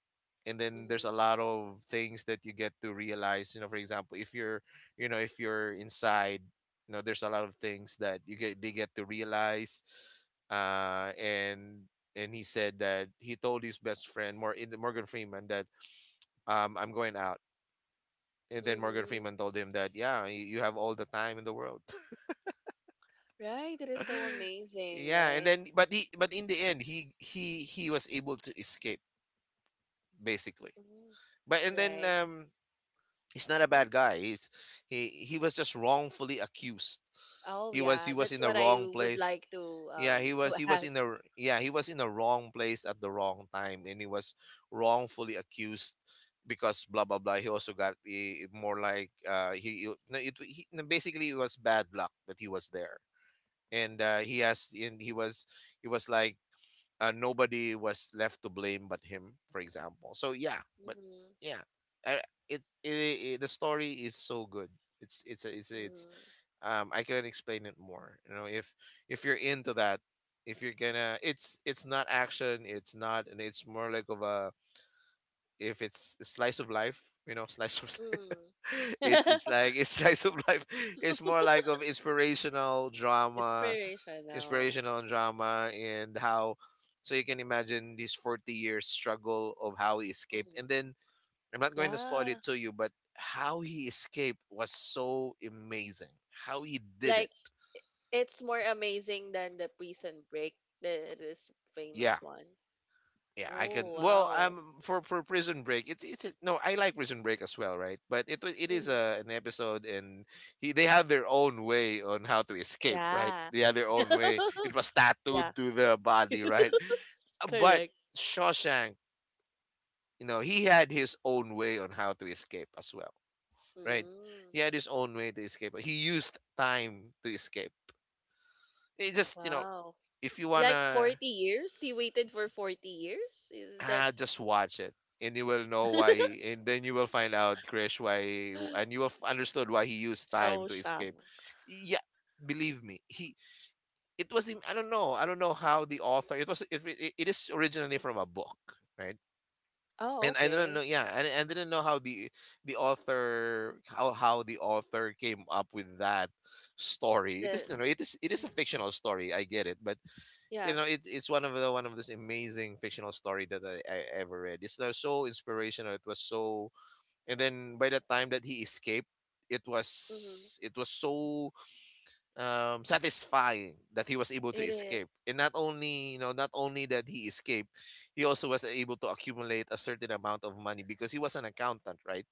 S2: and then there's a
S1: Mm-hmm.
S2: lot of things that you get to realize, you know, for example, if you're, you know, if you're inside, you know, there's a lot of things that you get they get to realize, uh and and he said that he told his best friend, more in Morgan Freeman, that, I'm going out, and then Morgan
S1: Mm-hmm.
S2: Freeman told him that, yeah, you have all the time in the world.
S1: Right. That is so amazing,
S2: Yeah, and
S1: right?
S2: then, but he but in the end, he was able to escape, basically.
S1: Mm-hmm.
S2: But and then
S1: Right.
S2: he's not a
S1: Mm-hmm.
S2: bad guy. He's, he was just wrongfully accused.
S1: Oh
S2: He
S1: yeah,
S2: was in
S1: that's
S2: the
S1: what I
S2: wrong
S1: would
S2: place.
S1: like
S2: Yeah, he was,
S1: to
S2: he was in
S1: ask.
S2: the r- yeah, he was in the wrong place at the wrong time, and he was wrongfully accused because blah blah blah, he also got, eh, more like, he- no, it he, no, basically it was bad luck that he was there, and he has, and he was, he was like nobody was left to blame but him, for example. So yeah, but
S1: Mm-hmm.
S2: yeah, uh, it, the story is so good. It's I couldn't explain it more. You know, if you're into that, if you're gonna, it's not action, it's not, and it's more like of a, if it's a slice of life, you know, slice of
S1: Mm-hmm.
S2: life,
S1: Mm.
S2: it's like it's slice of life, it's more like of inspirational drama,
S1: Inspirational.
S2: inspirational drama, and how, so you can imagine this 40 years struggle of how he escaped, and
S1: Mm-hmm.
S2: then I'm not going to spoil
S1: Yeah,
S2: it to you, but how he escaped was so amazing, how he did it.
S1: like i- it's more amazing than the Prison Break, the this
S2: Yeah.
S1: famous one.
S2: Yeah, I can.
S1: Oh
S2: Well,
S1: wow.
S2: for Prison Break, no, I like Prison Break as well, right? But it is
S1: Mm-hmm.
S2: a an episode, and he, they have their own way on how to escape, right?
S1: Yeah.
S2: They have their own way. It was tattooed
S1: Yeah.
S2: to the body, right? But
S1: Correct.
S2: Shawshank, you know, he had his own way on how to escape as well, right?
S1: Mm.
S2: He had his own way to escape. He used time to escape. It, just, you know,
S1: Wow.
S2: if you
S1: Like
S2: wanna,
S1: 40 years? He waited for 40 years? Is that
S2: ah, just watch it, and you will know why. And then you will find out, Krish, why, and understood why he used time
S1: Show
S2: to
S1: shop?
S2: escape. Yeah, believe me, he. It was him. I don't know. I don't know how the author. It was. It is originally from a book, right?
S1: Oh,
S2: And I don't know.
S1: okay.
S2: Yeah, and I didn't know how the author how the author came up with that story. It
S1: The
S2: is, you know, it is a fictional story. I get it, but you
S1: yeah.
S2: know it, it's one of those amazing fictional story that I ever read. It's like so inspirational. It was so, and then by the time that he escaped, it
S1: Mhm.
S2: was it was so satisfying that he was able to
S1: It is.
S2: escape. And not only, not only that he escaped, he also was able to accumulate a certain amount of money because he was an accountant, right?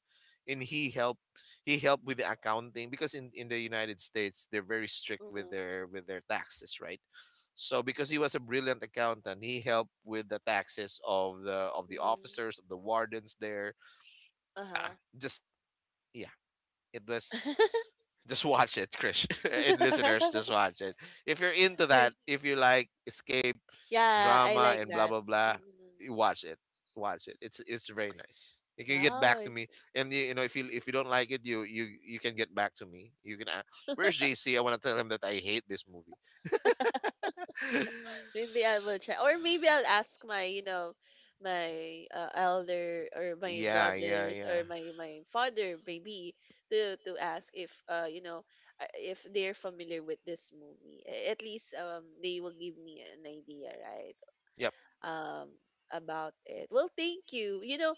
S2: And he helped with the accounting because in the United States they're very strict
S1: Mhm.
S2: with their taxes, right? So because he was a brilliant accountant, he helped with the taxes of the
S1: Mhm.
S2: officers, of the wardens there. Ah,
S1: Uh-huh.
S2: Just yeah, it was just watch it, Krish, and listeners, just watch it. If you're into that, if you like escape
S1: yeah, I
S2: drama
S1: like
S2: and blah
S1: that.
S2: blah blah,
S1: Mhm.
S2: you watch it. Watch it. It's very nice. You can get
S1: Wow.
S2: back to
S1: It's-
S2: me, and you know if you don't like it, you can get back to me. You can. Where's JC? I want to tell him that I hate this movie.
S1: maybe I will check, or maybe I'll ask my, you know, my elder or my
S2: Yeah, yeah,
S1: brothers
S2: yeah.
S1: or my father, maybe to ask if if they're familiar with this movie. At least they will give me an idea, right?
S2: Yep.
S1: um about it. Well, thank you. You know,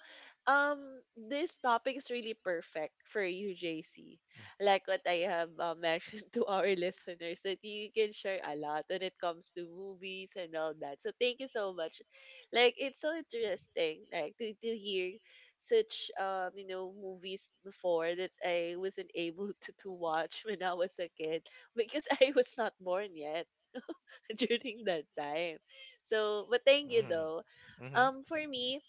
S1: um this topic is really perfect for you, JC. Like what I have mentioned to our listeners, that you can share a lot when it comes to movies and all that. So thank you so much. Like it's so interesting, like to hear such you know movies before that I wasn't able to watch when I was a kid because I was not born yet during that time. So, but thank you
S2: Mm-hmm.
S1: though.
S2: Mm-hmm.
S1: For me,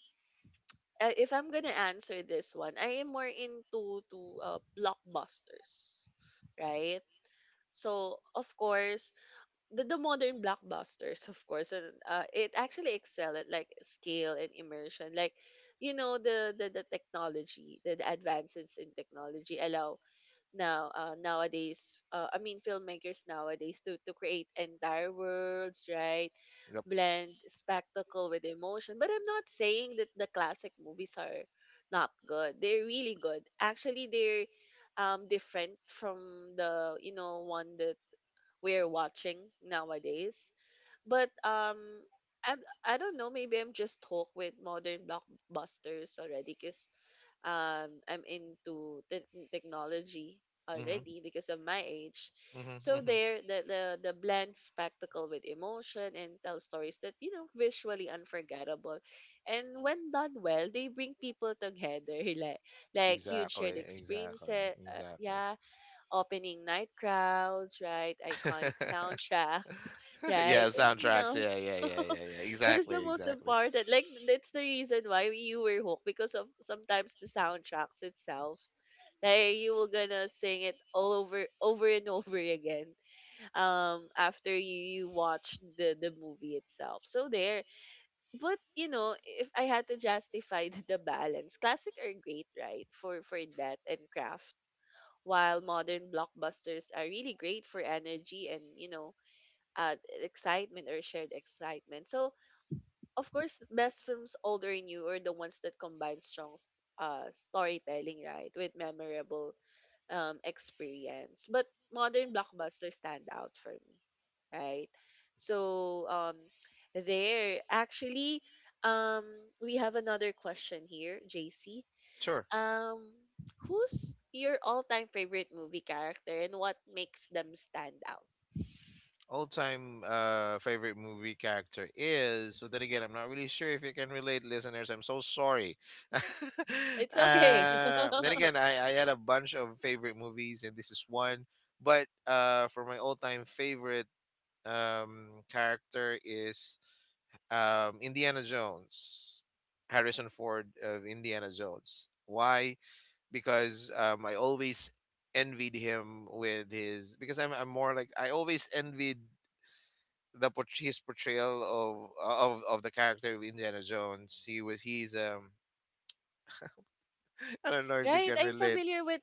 S1: if I'm gonna answer this one, I am more into to blockbusters, right? So of course, the modern blockbusters, of course, and it actually excel at like scale and immersion. Like, you know, the technology, the advances in technology allow now nowadays, I mean, filmmakers nowadays to create entire worlds, right?
S2: Yep.
S1: Blend spectacle with emotion. But I'm not saying that the classic movies are not good. They're really good. Actually, they're different from the, you know, one that we're watching nowadays. But I I don't know, maybe I'm just hooked with modern blockbusters already because I'm into technology
S2: Mm-hmm.
S1: already because of my age.
S2: Mm-hmm.
S1: So
S2: Mm-hmm.
S1: there the blend spectacle with emotion and tell stories that, you know, visually unforgettable. And when done well, they bring people together, like huge shared
S2: Exactly. Exactly.
S1: experiences.
S2: Exactly.
S1: Yeah, opening night crowds, right? Iconic soundtracks, right?
S2: Yeah,
S1: And you
S2: soundtracks.
S1: know,
S2: Yeah, yeah, yeah, yeah, yeah.
S1: that is the
S2: Exactly,
S1: most
S2: exactly.
S1: important. Like that's the reason why you were hooked, because of sometimes the soundtracks itself. Like you were gonna sing it all over and over again after you watch the movie itself. So there, but you know, if I had to justify the balance, classic are great, right? For that and craft, while modern blockbusters are really great for energy and uh, excitement or shared excitement. So of course best films old or new are the ones that combine strong storytelling, right, with memorable experience, but modern blockbusters stand out for me, right? so there actually um we have another question here, JC.
S2: Sure.
S1: um, Who's your all-time favorite movie character and what makes them stand out?
S2: All time favorite movie character is, so then again, I'm not really sure if you can relate, listeners. I'm so sorry. uh
S1: It's okay.
S2: then again, I had a bunch of favorite movies and this is one. But for my all time favorite character is Indiana Jones. Harrison Ford of Indiana Jones. Why? Because I always envied him with his, because I'm more like, I always envied his portrayal of the character of Indiana Jones. He was, he's. I don't know if you
S1: Right?
S2: can
S1: I'm
S2: relate.
S1: familiar with,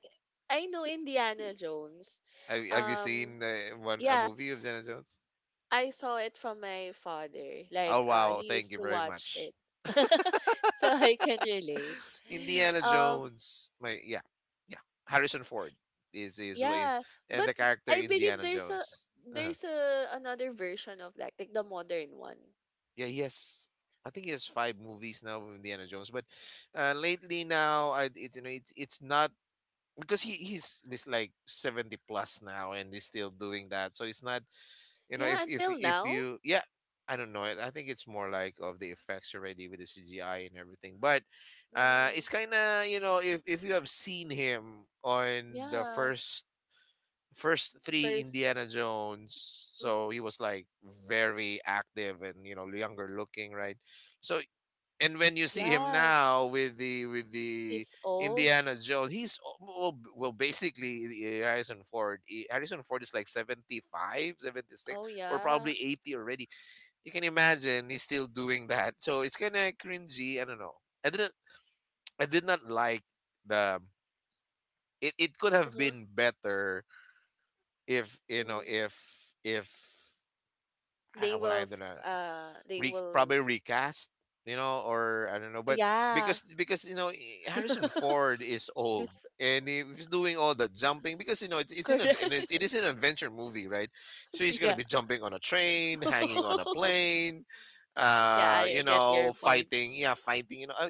S1: I know Indiana Jones.
S2: Have you
S1: Um,
S2: seen one a
S1: yeah,
S2: movie of Indiana Jones?
S1: I saw it from my father.
S2: Oh
S1: Like he
S2: wow, thank
S1: used
S2: you
S1: to
S2: very
S1: watch
S2: much.
S1: it. So I can relate.
S2: Indiana
S1: Um,
S2: Jones, my, yeah, yeah. Harrison Ford is,
S1: yeah,
S2: and
S1: but
S2: the character
S1: I believe
S2: Indiana
S1: there's a,
S2: Jones. Uh-huh.
S1: there's a another version of that, like the modern one.
S2: Yeah, he has. I think he has five movies now with Indiana Jones, but lately now, I, it, it's not because he's this like 70 plus now and he's still doing that. So it's not, you know,
S1: Yeah,
S2: if if
S1: until
S2: if
S1: now.
S2: you, yeah, I don't know. I think it's more like of the effects already with the CGI and everything. But it's
S1: Mm.
S2: kind of, you know, if you have seen him on the
S1: Yeah,
S2: first three
S1: first,
S2: Indiana Jones.
S1: mm,
S2: So he was like very active and, you know, younger looking, right? So, and when you see him
S1: yeah,
S2: now with the
S1: he's old.
S2: Indiana Jones, he's al- well, well basically Harrison Ford. Harrison Ford is like 75, 76,
S1: Oh
S2: or
S1: yeah.
S2: probably 80 already. You can imagine he's still doing that. So it's kind of cringy, I don't know. I didn't I did not like the it, it could have
S1: Uh-huh.
S2: been better if, you know,
S1: Hmm.
S2: if well, I don't know,
S1: They will.
S2: probably recast, you know, or I don't know. But
S1: Yeah,
S2: because, you know, Harrison Ford is old,
S1: yes,
S2: and if he's doing all the jumping, because, you know, it's in a and it,
S1: correct.
S2: it is an adventure movie, right? So he's gonna
S1: Yeah,
S2: be jumping on a train, hanging on a plane,
S1: yeah.
S2: you
S1: I get
S2: know,
S1: your point.
S2: fighting, you know,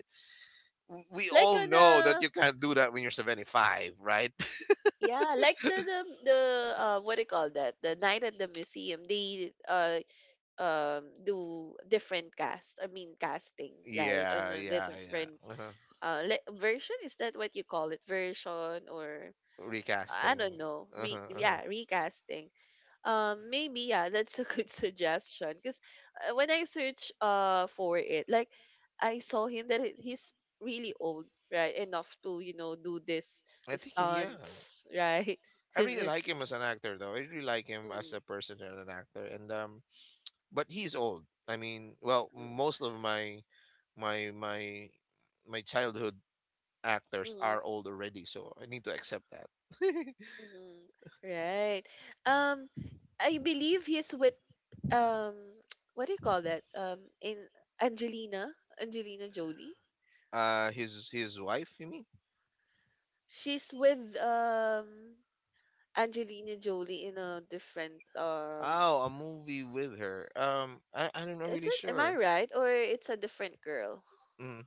S2: we
S1: Like
S2: all
S1: on
S2: know that
S1: a,
S2: you can't do that when you're 75, right?
S1: yeah, like the the what do you call that? The night at the museum. They Do different cast, I mean casting, right? And
S2: Yeah,
S1: then the
S2: yeah, yeah.
S1: different
S2: Uh-huh.
S1: version, is that what you call it, version? Or I
S2: Recasting.
S1: don't know, re
S2: Uh-huh, uh-huh.
S1: yeah, recasting. Maybe Yeah, that's a good suggestion because when I search for it, like I saw him that he's really old, right, enough to, you know, do this
S2: I think he's, yeah.
S1: stunts, right?
S2: I really like him as an actor though. I really like him as
S1: Mm,
S2: a person and an actor. And but he's old. I mean, well,
S1: mm,
S2: most of my my my childhood actors
S1: mm.
S2: are old already, so I need to accept that.
S1: Mhm. Right. Um, I believe he's with um, what do you call that? In Angelina, Angelina Jolie.
S2: His wife, you mean?
S1: She's with Angelina Jolie in a different.
S2: Oh, a movie with her. I I'm not
S1: Is
S2: really
S1: it? Am I
S2: sure.
S1: right? Or it's a different girl?
S2: Mm.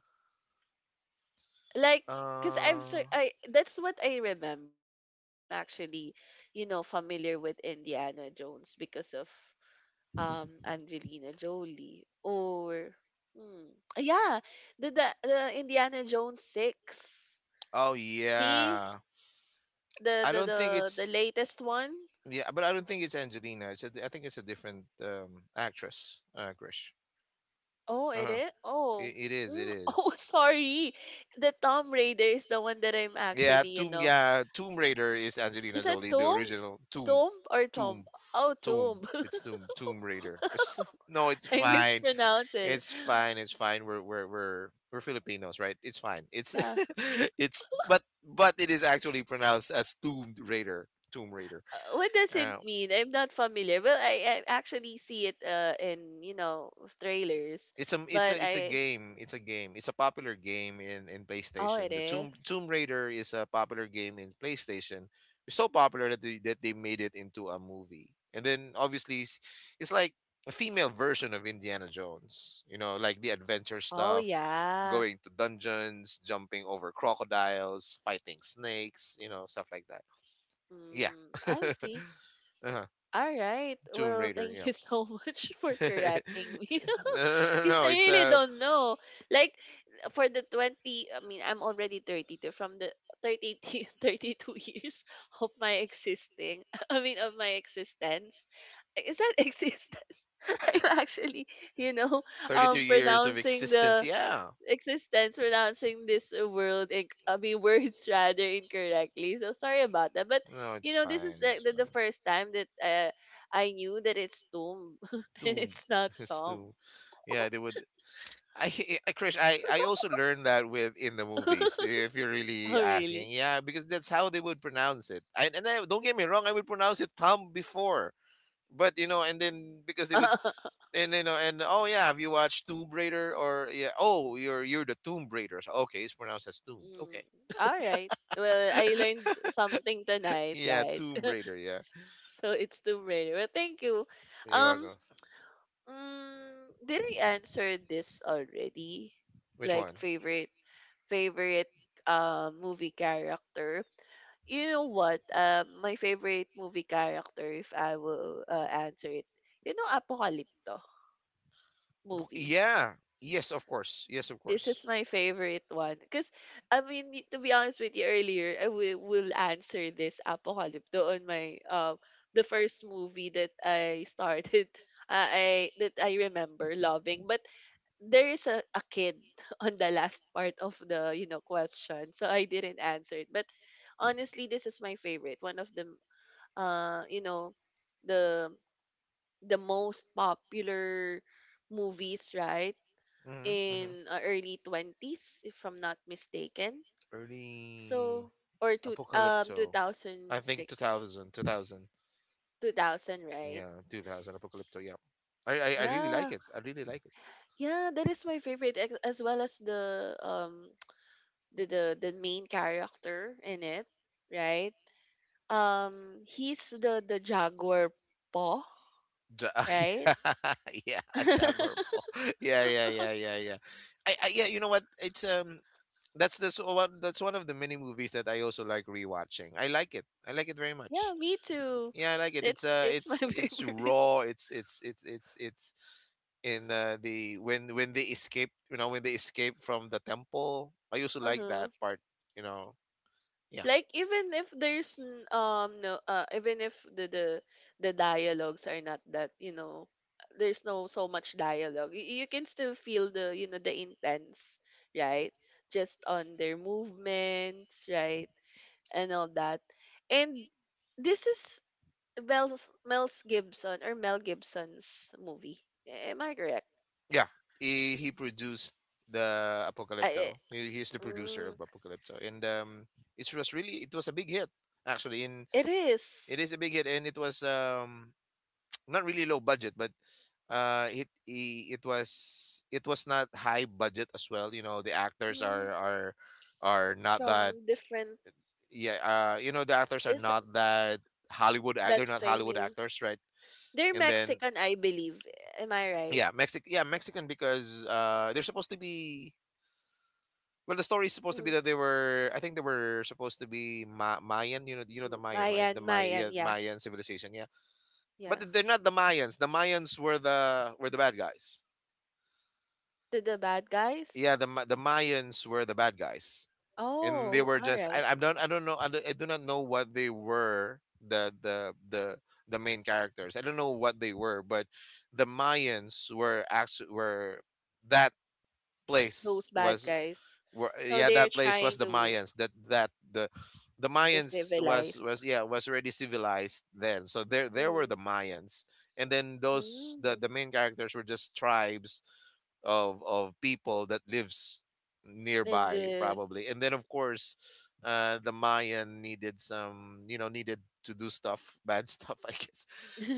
S1: Like, cause I'm so
S2: Uh,
S1: I. That's what I remember. That's why I'm actually, you know, familiar with Indiana Jones because of Angelina Jolie or hmm, yeah, the Indiana Jones 6,
S2: oh
S1: see,
S2: yeah.
S1: the
S2: I
S1: the
S2: don't think
S1: the the
S2: it's,
S1: latest one.
S2: yeah, but I don't think it's Angelina. It's a, I think it's a different actress, Grish.
S1: Oh, it
S2: Uh-huh.
S1: is,
S2: It,
S1: oh.
S2: it is. It
S1: Mm, oh
S2: is.
S1: sorry, the Tomb Raider is the one that I'm
S2: Yeah,
S1: actually, you
S2: Tomb.
S1: know,
S2: Yeah, Tomb Raider is
S1: is
S2: Angelina
S1: that
S2: Jolie, the
S1: Tomb,
S2: original Tomb,
S1: Tomb or Tomb,
S2: Tomb,
S1: oh
S2: Tomb.
S1: Tomb.
S2: It's Tomb Raider. It's, no, it's
S1: I
S2: fine.
S1: mispronounced it.
S2: It's fine. It's fine. We're Filipinos, right? It's fine. It's
S1: Yeah.
S2: it's, but it is actually pronounced as Tomb Raider. Tomb Raider.
S1: What does it
S2: Uh,
S1: mean? I'm not familiar. Well, I actually see it in, you know, trailers,
S2: It's a it's a
S1: but
S2: it's a
S1: I,
S2: game. It's a game. It's a popular game in
S1: oh it
S2: PlayStation. The Tomb
S1: is.
S2: Raider is a popular game in PlayStation. It's so popular that they made it into a movie. And then obviously it's like a female version of Indiana Jones. You know, like the adventure
S1: Oh
S2: stuff,
S1: yeah.
S2: going to dungeons, jumping over crocodiles, fighting snakes. You know, stuff like that. Yeah.
S1: Mm, I see.
S2: Uh-huh.
S1: All right.
S2: Tomb
S1: Well,
S2: Raider.
S1: thank you so much for
S2: Yeah. No,
S1: correcting me.
S2: no, no,
S1: Because I
S2: no, it's
S1: really
S2: a
S1: don't know. Like, for the 20, I mean, I'm already 32 from the 30, 32 years of my existing, I mean, of my existence. Is that exist? I'm actually, you know,
S2: 32 years of
S1: pronouncing
S2: existence.
S1: the
S2: Yeah.
S1: existence, pronouncing this world, in, I mean, words rather incorrectly. So sorry about that. But,
S2: No,
S1: you
S2: it's
S1: know, this is
S2: fine. It's
S1: like the
S2: fine.
S1: first time that I knew that it's tomb and
S2: Too.
S1: it's not
S2: It's
S1: Tom.
S2: too. Yeah, they would. I, I, Krish, I also learned that with in the movies. If you're really
S1: Oh, really?
S2: asking, yeah, because that's how they would pronounce it. And I, don't get me wrong, I would pronounce it Tom before, but you know, and then because they would, and you know, and oh yeah, have you watched Tomb Raider or yeah? Oh, you're the Tomb Raider. So, okay, it's pronounced as Tomb.
S1: Mm,
S2: Okay,
S1: all right. Well, I learned something tonight,
S2: yeah,
S1: right?
S2: Tomb Raider. Yeah.
S1: So it's too rare. Well, thank you.
S2: You want
S1: Um,
S2: go?
S1: Mm, did I answer this already?
S2: Which
S1: Like
S2: one?
S1: favorite, favorite movie character. You know what? My favorite movie character, if I will answer it, you know, Apocalypto
S2: A,
S1: movie.
S2: yeah. Yes, of course. Yes, of
S1: This
S2: course.
S1: is my favorite one because I mean, to be honest with you, earlier I will answer this Apocalypto on my the first movie that I started, I that I remember loving, but there is a kid on the last part of the, you know, question, so I didn't answer it. But honestly, this is my favorite one of the uh you know the the most popular movies, right,
S2: Mm-hmm. Mm-hmm.
S1: in early 20s, if I'm not mistaken.
S2: Early
S1: So or two
S2: Apocalypto. I think
S1: 2006,
S2: 2000, 2000.
S1: 2000, right?
S2: Yeah, 2000
S1: S-
S2: Apocalypto. Yeah. I really
S1: yeah,
S2: like it. I really like it.
S1: yeah, that is my favorite, as well as the main character in it, right? He's the jaguar paw,
S2: Ja-
S1: right?
S2: yeah, Jaguar Paw. Yeah, yeah, yeah, yeah, yeah. I yeah, you know what? It's that's this one that's one of the many movies that I also like rewatching. I like it. I like it very
S1: Yeah,
S2: much.
S1: me too.
S2: Yeah, I like it.
S1: It's it's my
S2: It's
S1: favorite.
S2: raw. It's in the when they escape, you know, when they escape from the temple. I also like
S1: Uh-huh.
S2: that part. You know, yeah,
S1: Like, even if there's no, even if the the dialogues are not that, you know, there's no so much dialogue, you can still feel the, you know, the intense, right, just on their movements, right, and all that. And this is Mel, Mel Gibson, or Mel Gibson's movie. Am I correct?
S2: yeah. He produced the
S1: I, eh,
S2: Apocalypto. He's the producer
S1: mm,
S2: of Apocalypto, and it was really, it was a big hit actually. In,
S1: it is,
S2: it is a big hit, and it was not really low budget, but it was, it was not high budget as well. You know, the actors
S1: mm,
S2: are are not that,
S1: from different.
S2: yeah. You know, the actors are
S1: Is it
S2: not that they're
S1: that
S2: not Hollywood
S1: family?
S2: actors, right?
S1: They're
S2: And then,
S1: Mexican, I believe. Am I right?
S2: yeah, mexic yeah, Mexican, because they're supposed to be, well, the story is supposed to be
S1: Mm,
S2: that they were I think they were supposed to be Mayan. You know, you know the
S1: M-
S2: Mayan, right? The
S1: Mayan, Mayan.
S2: Yeah,
S1: Yeah,
S2: Mayan civilization, yeah.
S1: yeah.
S2: But they're not the Mayans. The Mayans were the bad guys.
S1: The bad
S2: Yeah,
S1: guys.
S2: the the mayans were the bad guys. And they
S1: Oh,
S2: were
S1: all
S2: just,
S1: right.
S2: I don't, I don't know I, I do not know what they were, the the the the main characters. I don't know what they were, but the Mayans were actually were that place
S1: Those bad
S2: was,
S1: guys.
S2: were,
S1: So
S2: yeah,
S1: they're
S2: that place was
S1: trying
S2: the Mayans, that the
S1: to
S2: Mayans was,
S1: civilize.
S2: yeah, was already civilized then. So there were
S1: Mm-hmm.
S2: the Mayans. And then those, the
S1: Mm-hmm.
S2: main characters were just tribes of people that lives
S1: And
S2: nearby
S1: the
S2: probably, and then of course the Mayan needed some, you know, needed to do stuff bad stuff, I guess.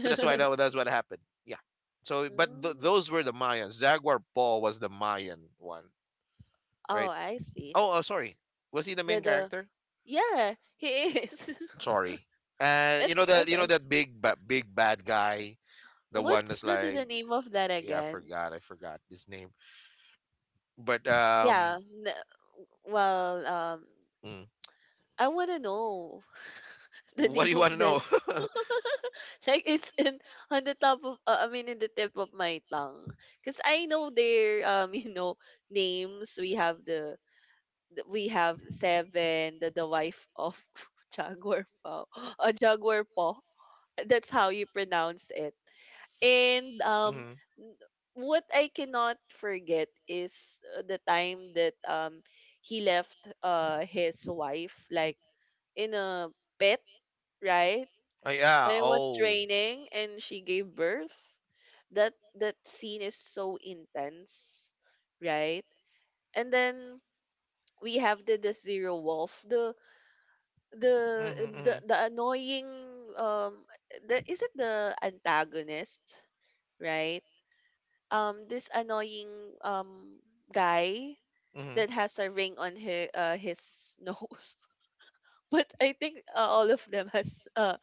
S2: So that's why, that's what happened, yeah. So, but
S1: mm.
S2: those were the Mayans. Jaguar Paw was the Mayan one,
S1: Oh,
S2: right?
S1: I see.
S2: Oh, oh, sorry. Was he the
S1: The
S2: main
S1: the
S2: character?
S1: yeah, he is.
S2: Sorry. You know
S1: It's
S2: that,
S1: okay.
S2: that big big bad guy, the one
S1: What's
S2: that's
S1: the
S2: like,
S1: name of that
S2: yeah, I
S1: again?
S2: forgot, his name. But
S1: Yeah. Well, um,
S2: mm,
S1: I wanna know the
S2: what do
S1: name
S2: you
S1: of
S2: want to
S1: that.
S2: know?
S1: Like it's in, on the top of, I mean in the tip of my tongue. Cause I know their you know, names. We have the, we have seven, the wife of Jaguar Paw. Jaguar Paw, that's how you pronounce it. And um
S2: Hmm.
S1: n- what I cannot forget is the time that he left his wife, like, in a pit, right?
S2: Oh yeah.
S1: When it was
S2: Oh.
S1: raining and she gave birth. That, that scene is so intense, right? And then we have the zero wolf, the
S2: Mm-hmm, mm-hmm,
S1: the annoying um the, is it the antagonist, right? This annoying um guy
S2: mm-hmm.
S1: that has a ring on his nose. But I think all of them has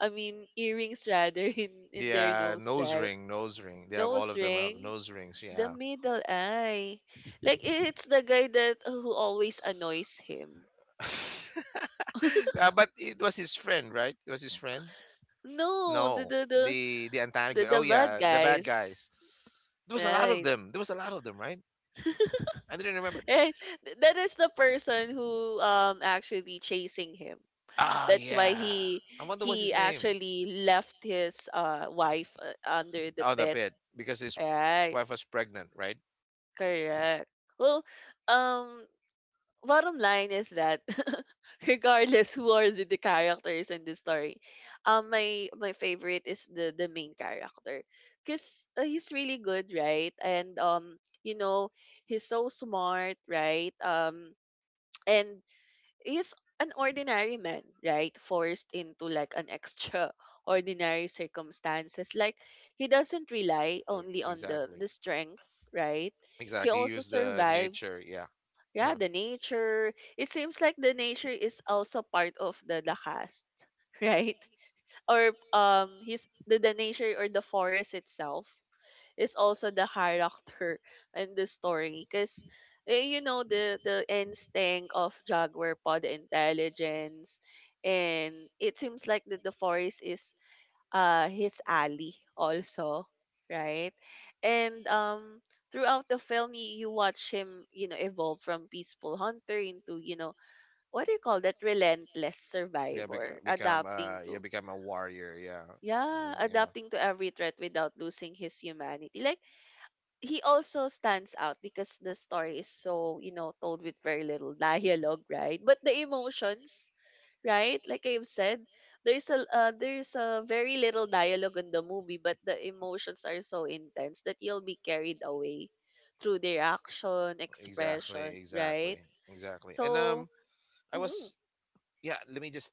S1: I mean earrings rather in their
S2: Yeah,
S1: nose,
S2: nose
S1: right?
S2: ring, nose ring. They have, all
S1: Nose
S2: of them have
S1: ring,
S2: nose rings.
S1: the
S2: Yeah.
S1: middle eye. Like, it's the guy that who always annoys him.
S2: Uh, but it was his friend, right? It was his friend.
S1: No,
S2: No, the antagonist.
S1: the
S2: Oh
S1: bad
S2: yeah, the bad
S1: guys.
S2: guys. There was a lot of
S1: Right.
S2: them. There was a lot of them, right? I didn't remember.
S1: Right. That is the person who actually chasing him.
S2: Ah,
S1: That's why
S2: yeah.
S1: he
S2: I wonder what's
S1: he
S2: his name.
S1: actually left his wife under the
S2: Oh, the
S1: pet.
S2: pit, because his
S1: Right.
S2: wife was pregnant, right?
S1: Correct. Well, um bottom line is that regardless who are the characters in the story, my, my favorite is the main character because he's really good, right? And you know, he's so smart, right? And he's an ordinary man, right? Forced into like an extraordinary circumstances. Like, he doesn't rely
S2: Exactly,
S1: only on the
S2: exactly,
S1: the strength, right? He
S2: exactly. He
S1: also
S2: used the nature.
S1: survives.
S2: Yeah,
S1: Yeah,
S2: uh
S1: the nature. It seems like the nature is also part of the cast, right? Or his, the nature, or the forest itself is also the character in the story because, you know, the instinct of Jaguar Paw, the intelligence, and it seems like that the forest is his ally also, right? and Throughout the film, you watch him, you know, evolve from peaceful hunter into, you know, what do you call that, relentless
S2: yeah.
S1: survivor,
S2: Become
S1: adapting
S2: yeah,
S1: to,
S2: become a warrior. Yeah.
S1: yeah,
S2: Mm, yeah.
S1: adapting to every threat without losing his humanity. Like, he also stands out because the story is, so, you know, told with very little dialogue, right, but the emotions, right, like I've said, there's a, there's a very little dialogue in the movie, but the emotions are so intense that you'll be carried away through their action
S2: Exactly,
S1: expression, right?
S2: exactly, exactly. And
S1: So,
S2: I
S1: mhm,
S2: was, yeah. Let me just.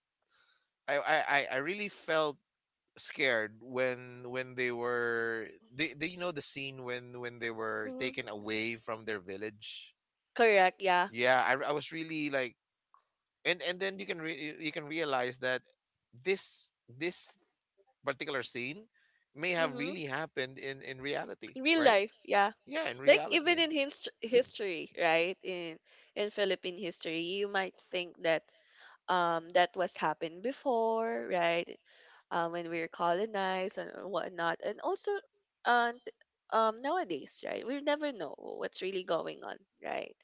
S2: I really felt scared when they were, they, you know, the scene when they were
S1: mhm,
S2: taken away from their village.
S1: correct, yeah,
S2: Yeah, I was really like, and then you can you can realize that this particular scene may have
S1: mm-hmm,
S2: really happened in reality,
S1: real
S2: right?
S1: life, yeah.
S2: Yeah, in
S1: Like, even
S2: reality.
S1: in history, right, in Philippine history, you might think that, that was happened before, right? When we were colonized and whatnot. And also, and nowadays, right? We never know what's really going on, right?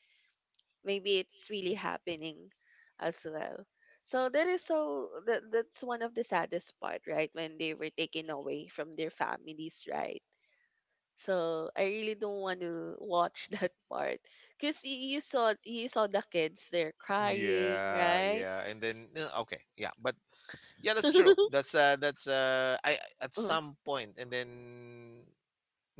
S1: Maybe it's really happening as well. So that is, so that that's one of the saddest part, right? When they were taken away from their families, right? So I really don't want to watch that part because you saw, you saw the kids, they're crying,
S2: Yeah,
S1: right?
S2: yeah, and then okay, yeah, but yeah, that's true. That's I, at some point, and then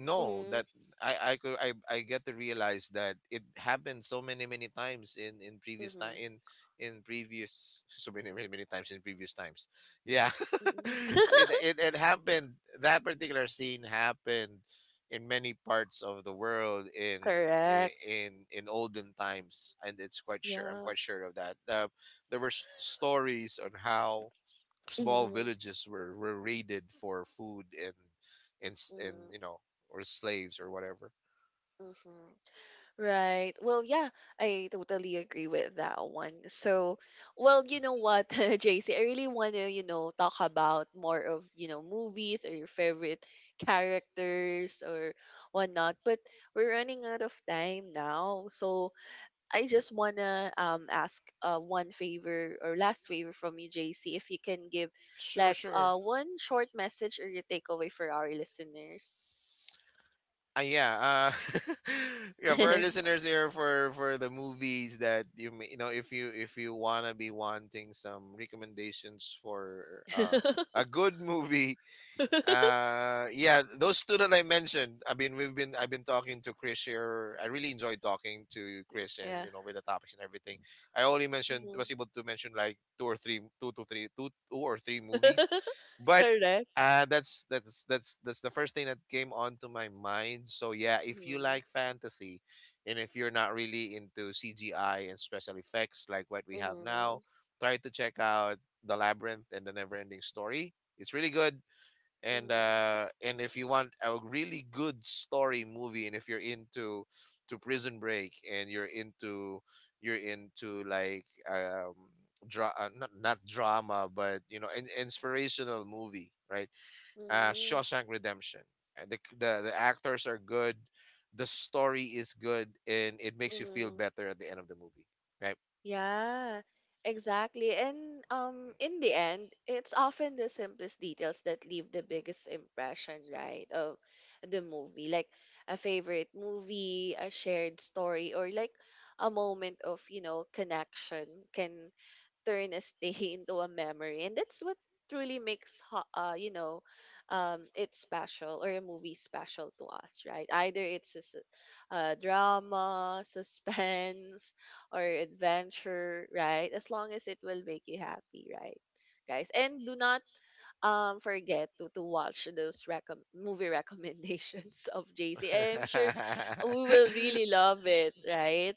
S2: no,
S1: Mhm.
S2: that I get to realize that it happened so many many times in previous time
S1: Mhm.
S2: in previous so many many many times in previous times, yeah.
S1: Mhm.
S2: So it happened, that particular scene happened in many parts of the world in
S1: Correct.
S2: in olden times. And it's quite sure, I'm
S1: Yeah.
S2: quite sure of that. There were stories on how small
S1: Mhm.
S2: villages were raided for food and and,
S1: Mhm.
S2: you know, or slaves or whatever.
S1: Mhm. Right. Well, yeah, I totally agree with that one. So, well, you know what, JC, I really want to, you know, talk about more of, you know, movies or your favorite characters or whatnot. But, we're running out of time now. So, I just wanna ask one favor, or last favor from you, JC, if you can give
S2: Sure,
S1: like
S2: sure.
S1: one short message or your takeaway for our listeners.
S2: Yeah, yeah. For our listeners here, for the movies that you may, you know, if you wanna be wanting some recommendations for uh, a good movie. Yeah, those two that I mentioned. I mean, we've been, I've been talking to Chris here. I really enjoyed talking to Chris, and
S1: Yeah.
S2: you know, with the topics and everything. I only mentioned
S1: Hmm.
S2: Was able to mention like two or three, two to three, two or three movies, but
S1: Correct.
S2: that's that's the first thing that came onto my mind. So yeah, if you
S1: Mm-hmm.
S2: like fantasy, and if you're not really into CGI and special effects like what we have
S1: Mm-hmm.
S2: now, try to check out The Labyrinth and The Neverending Story. It's really good. And
S1: Mm-hmm.
S2: and if you want a really good story movie, and if you're into to prison break, and you're into like not, drama, but you know, an inspirational movie, right? Uh, Shawshank Redemption. And the actors are good, the story is good, and it makes you feel
S1: Mm-hmm.
S2: better at the end of the movie, right?
S1: Yeah, exactly. And in the end, it's often the simplest details that leave the biggest impression, right, of the movie. Like, a favorite movie, a shared story, or like a moment of, you know, connection can turn a stay into a memory. And that's what truly makes you know, it special, or a movie special to us, right? Either it's a, drama, suspense, or adventure, right? As long as it will make you happy, right guys, and do not forget to watch those movie recommendations of JC. I'm sure we will really love it, right?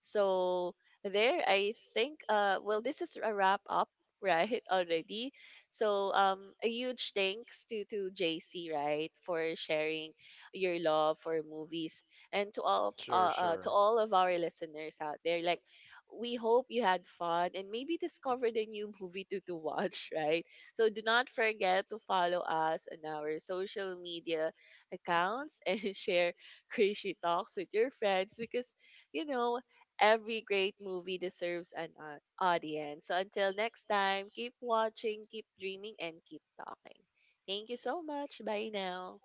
S1: So there, I think. Well, this is a wrap up, right? Already. So a huge thanks to JC, right, for sharing your love for movies, and
S2: Sure,
S1: to
S2: sure.
S1: all of our listeners out there. Like, we hope you had fun and maybe discovered a new movie to watch, right? So do not forget to follow us on our social media accounts and share Crazy Talks with your friends because, you know, every great movie deserves an audience. So until next time, keep watching, keep dreaming, and keep talking. Thank you so much. Bye now.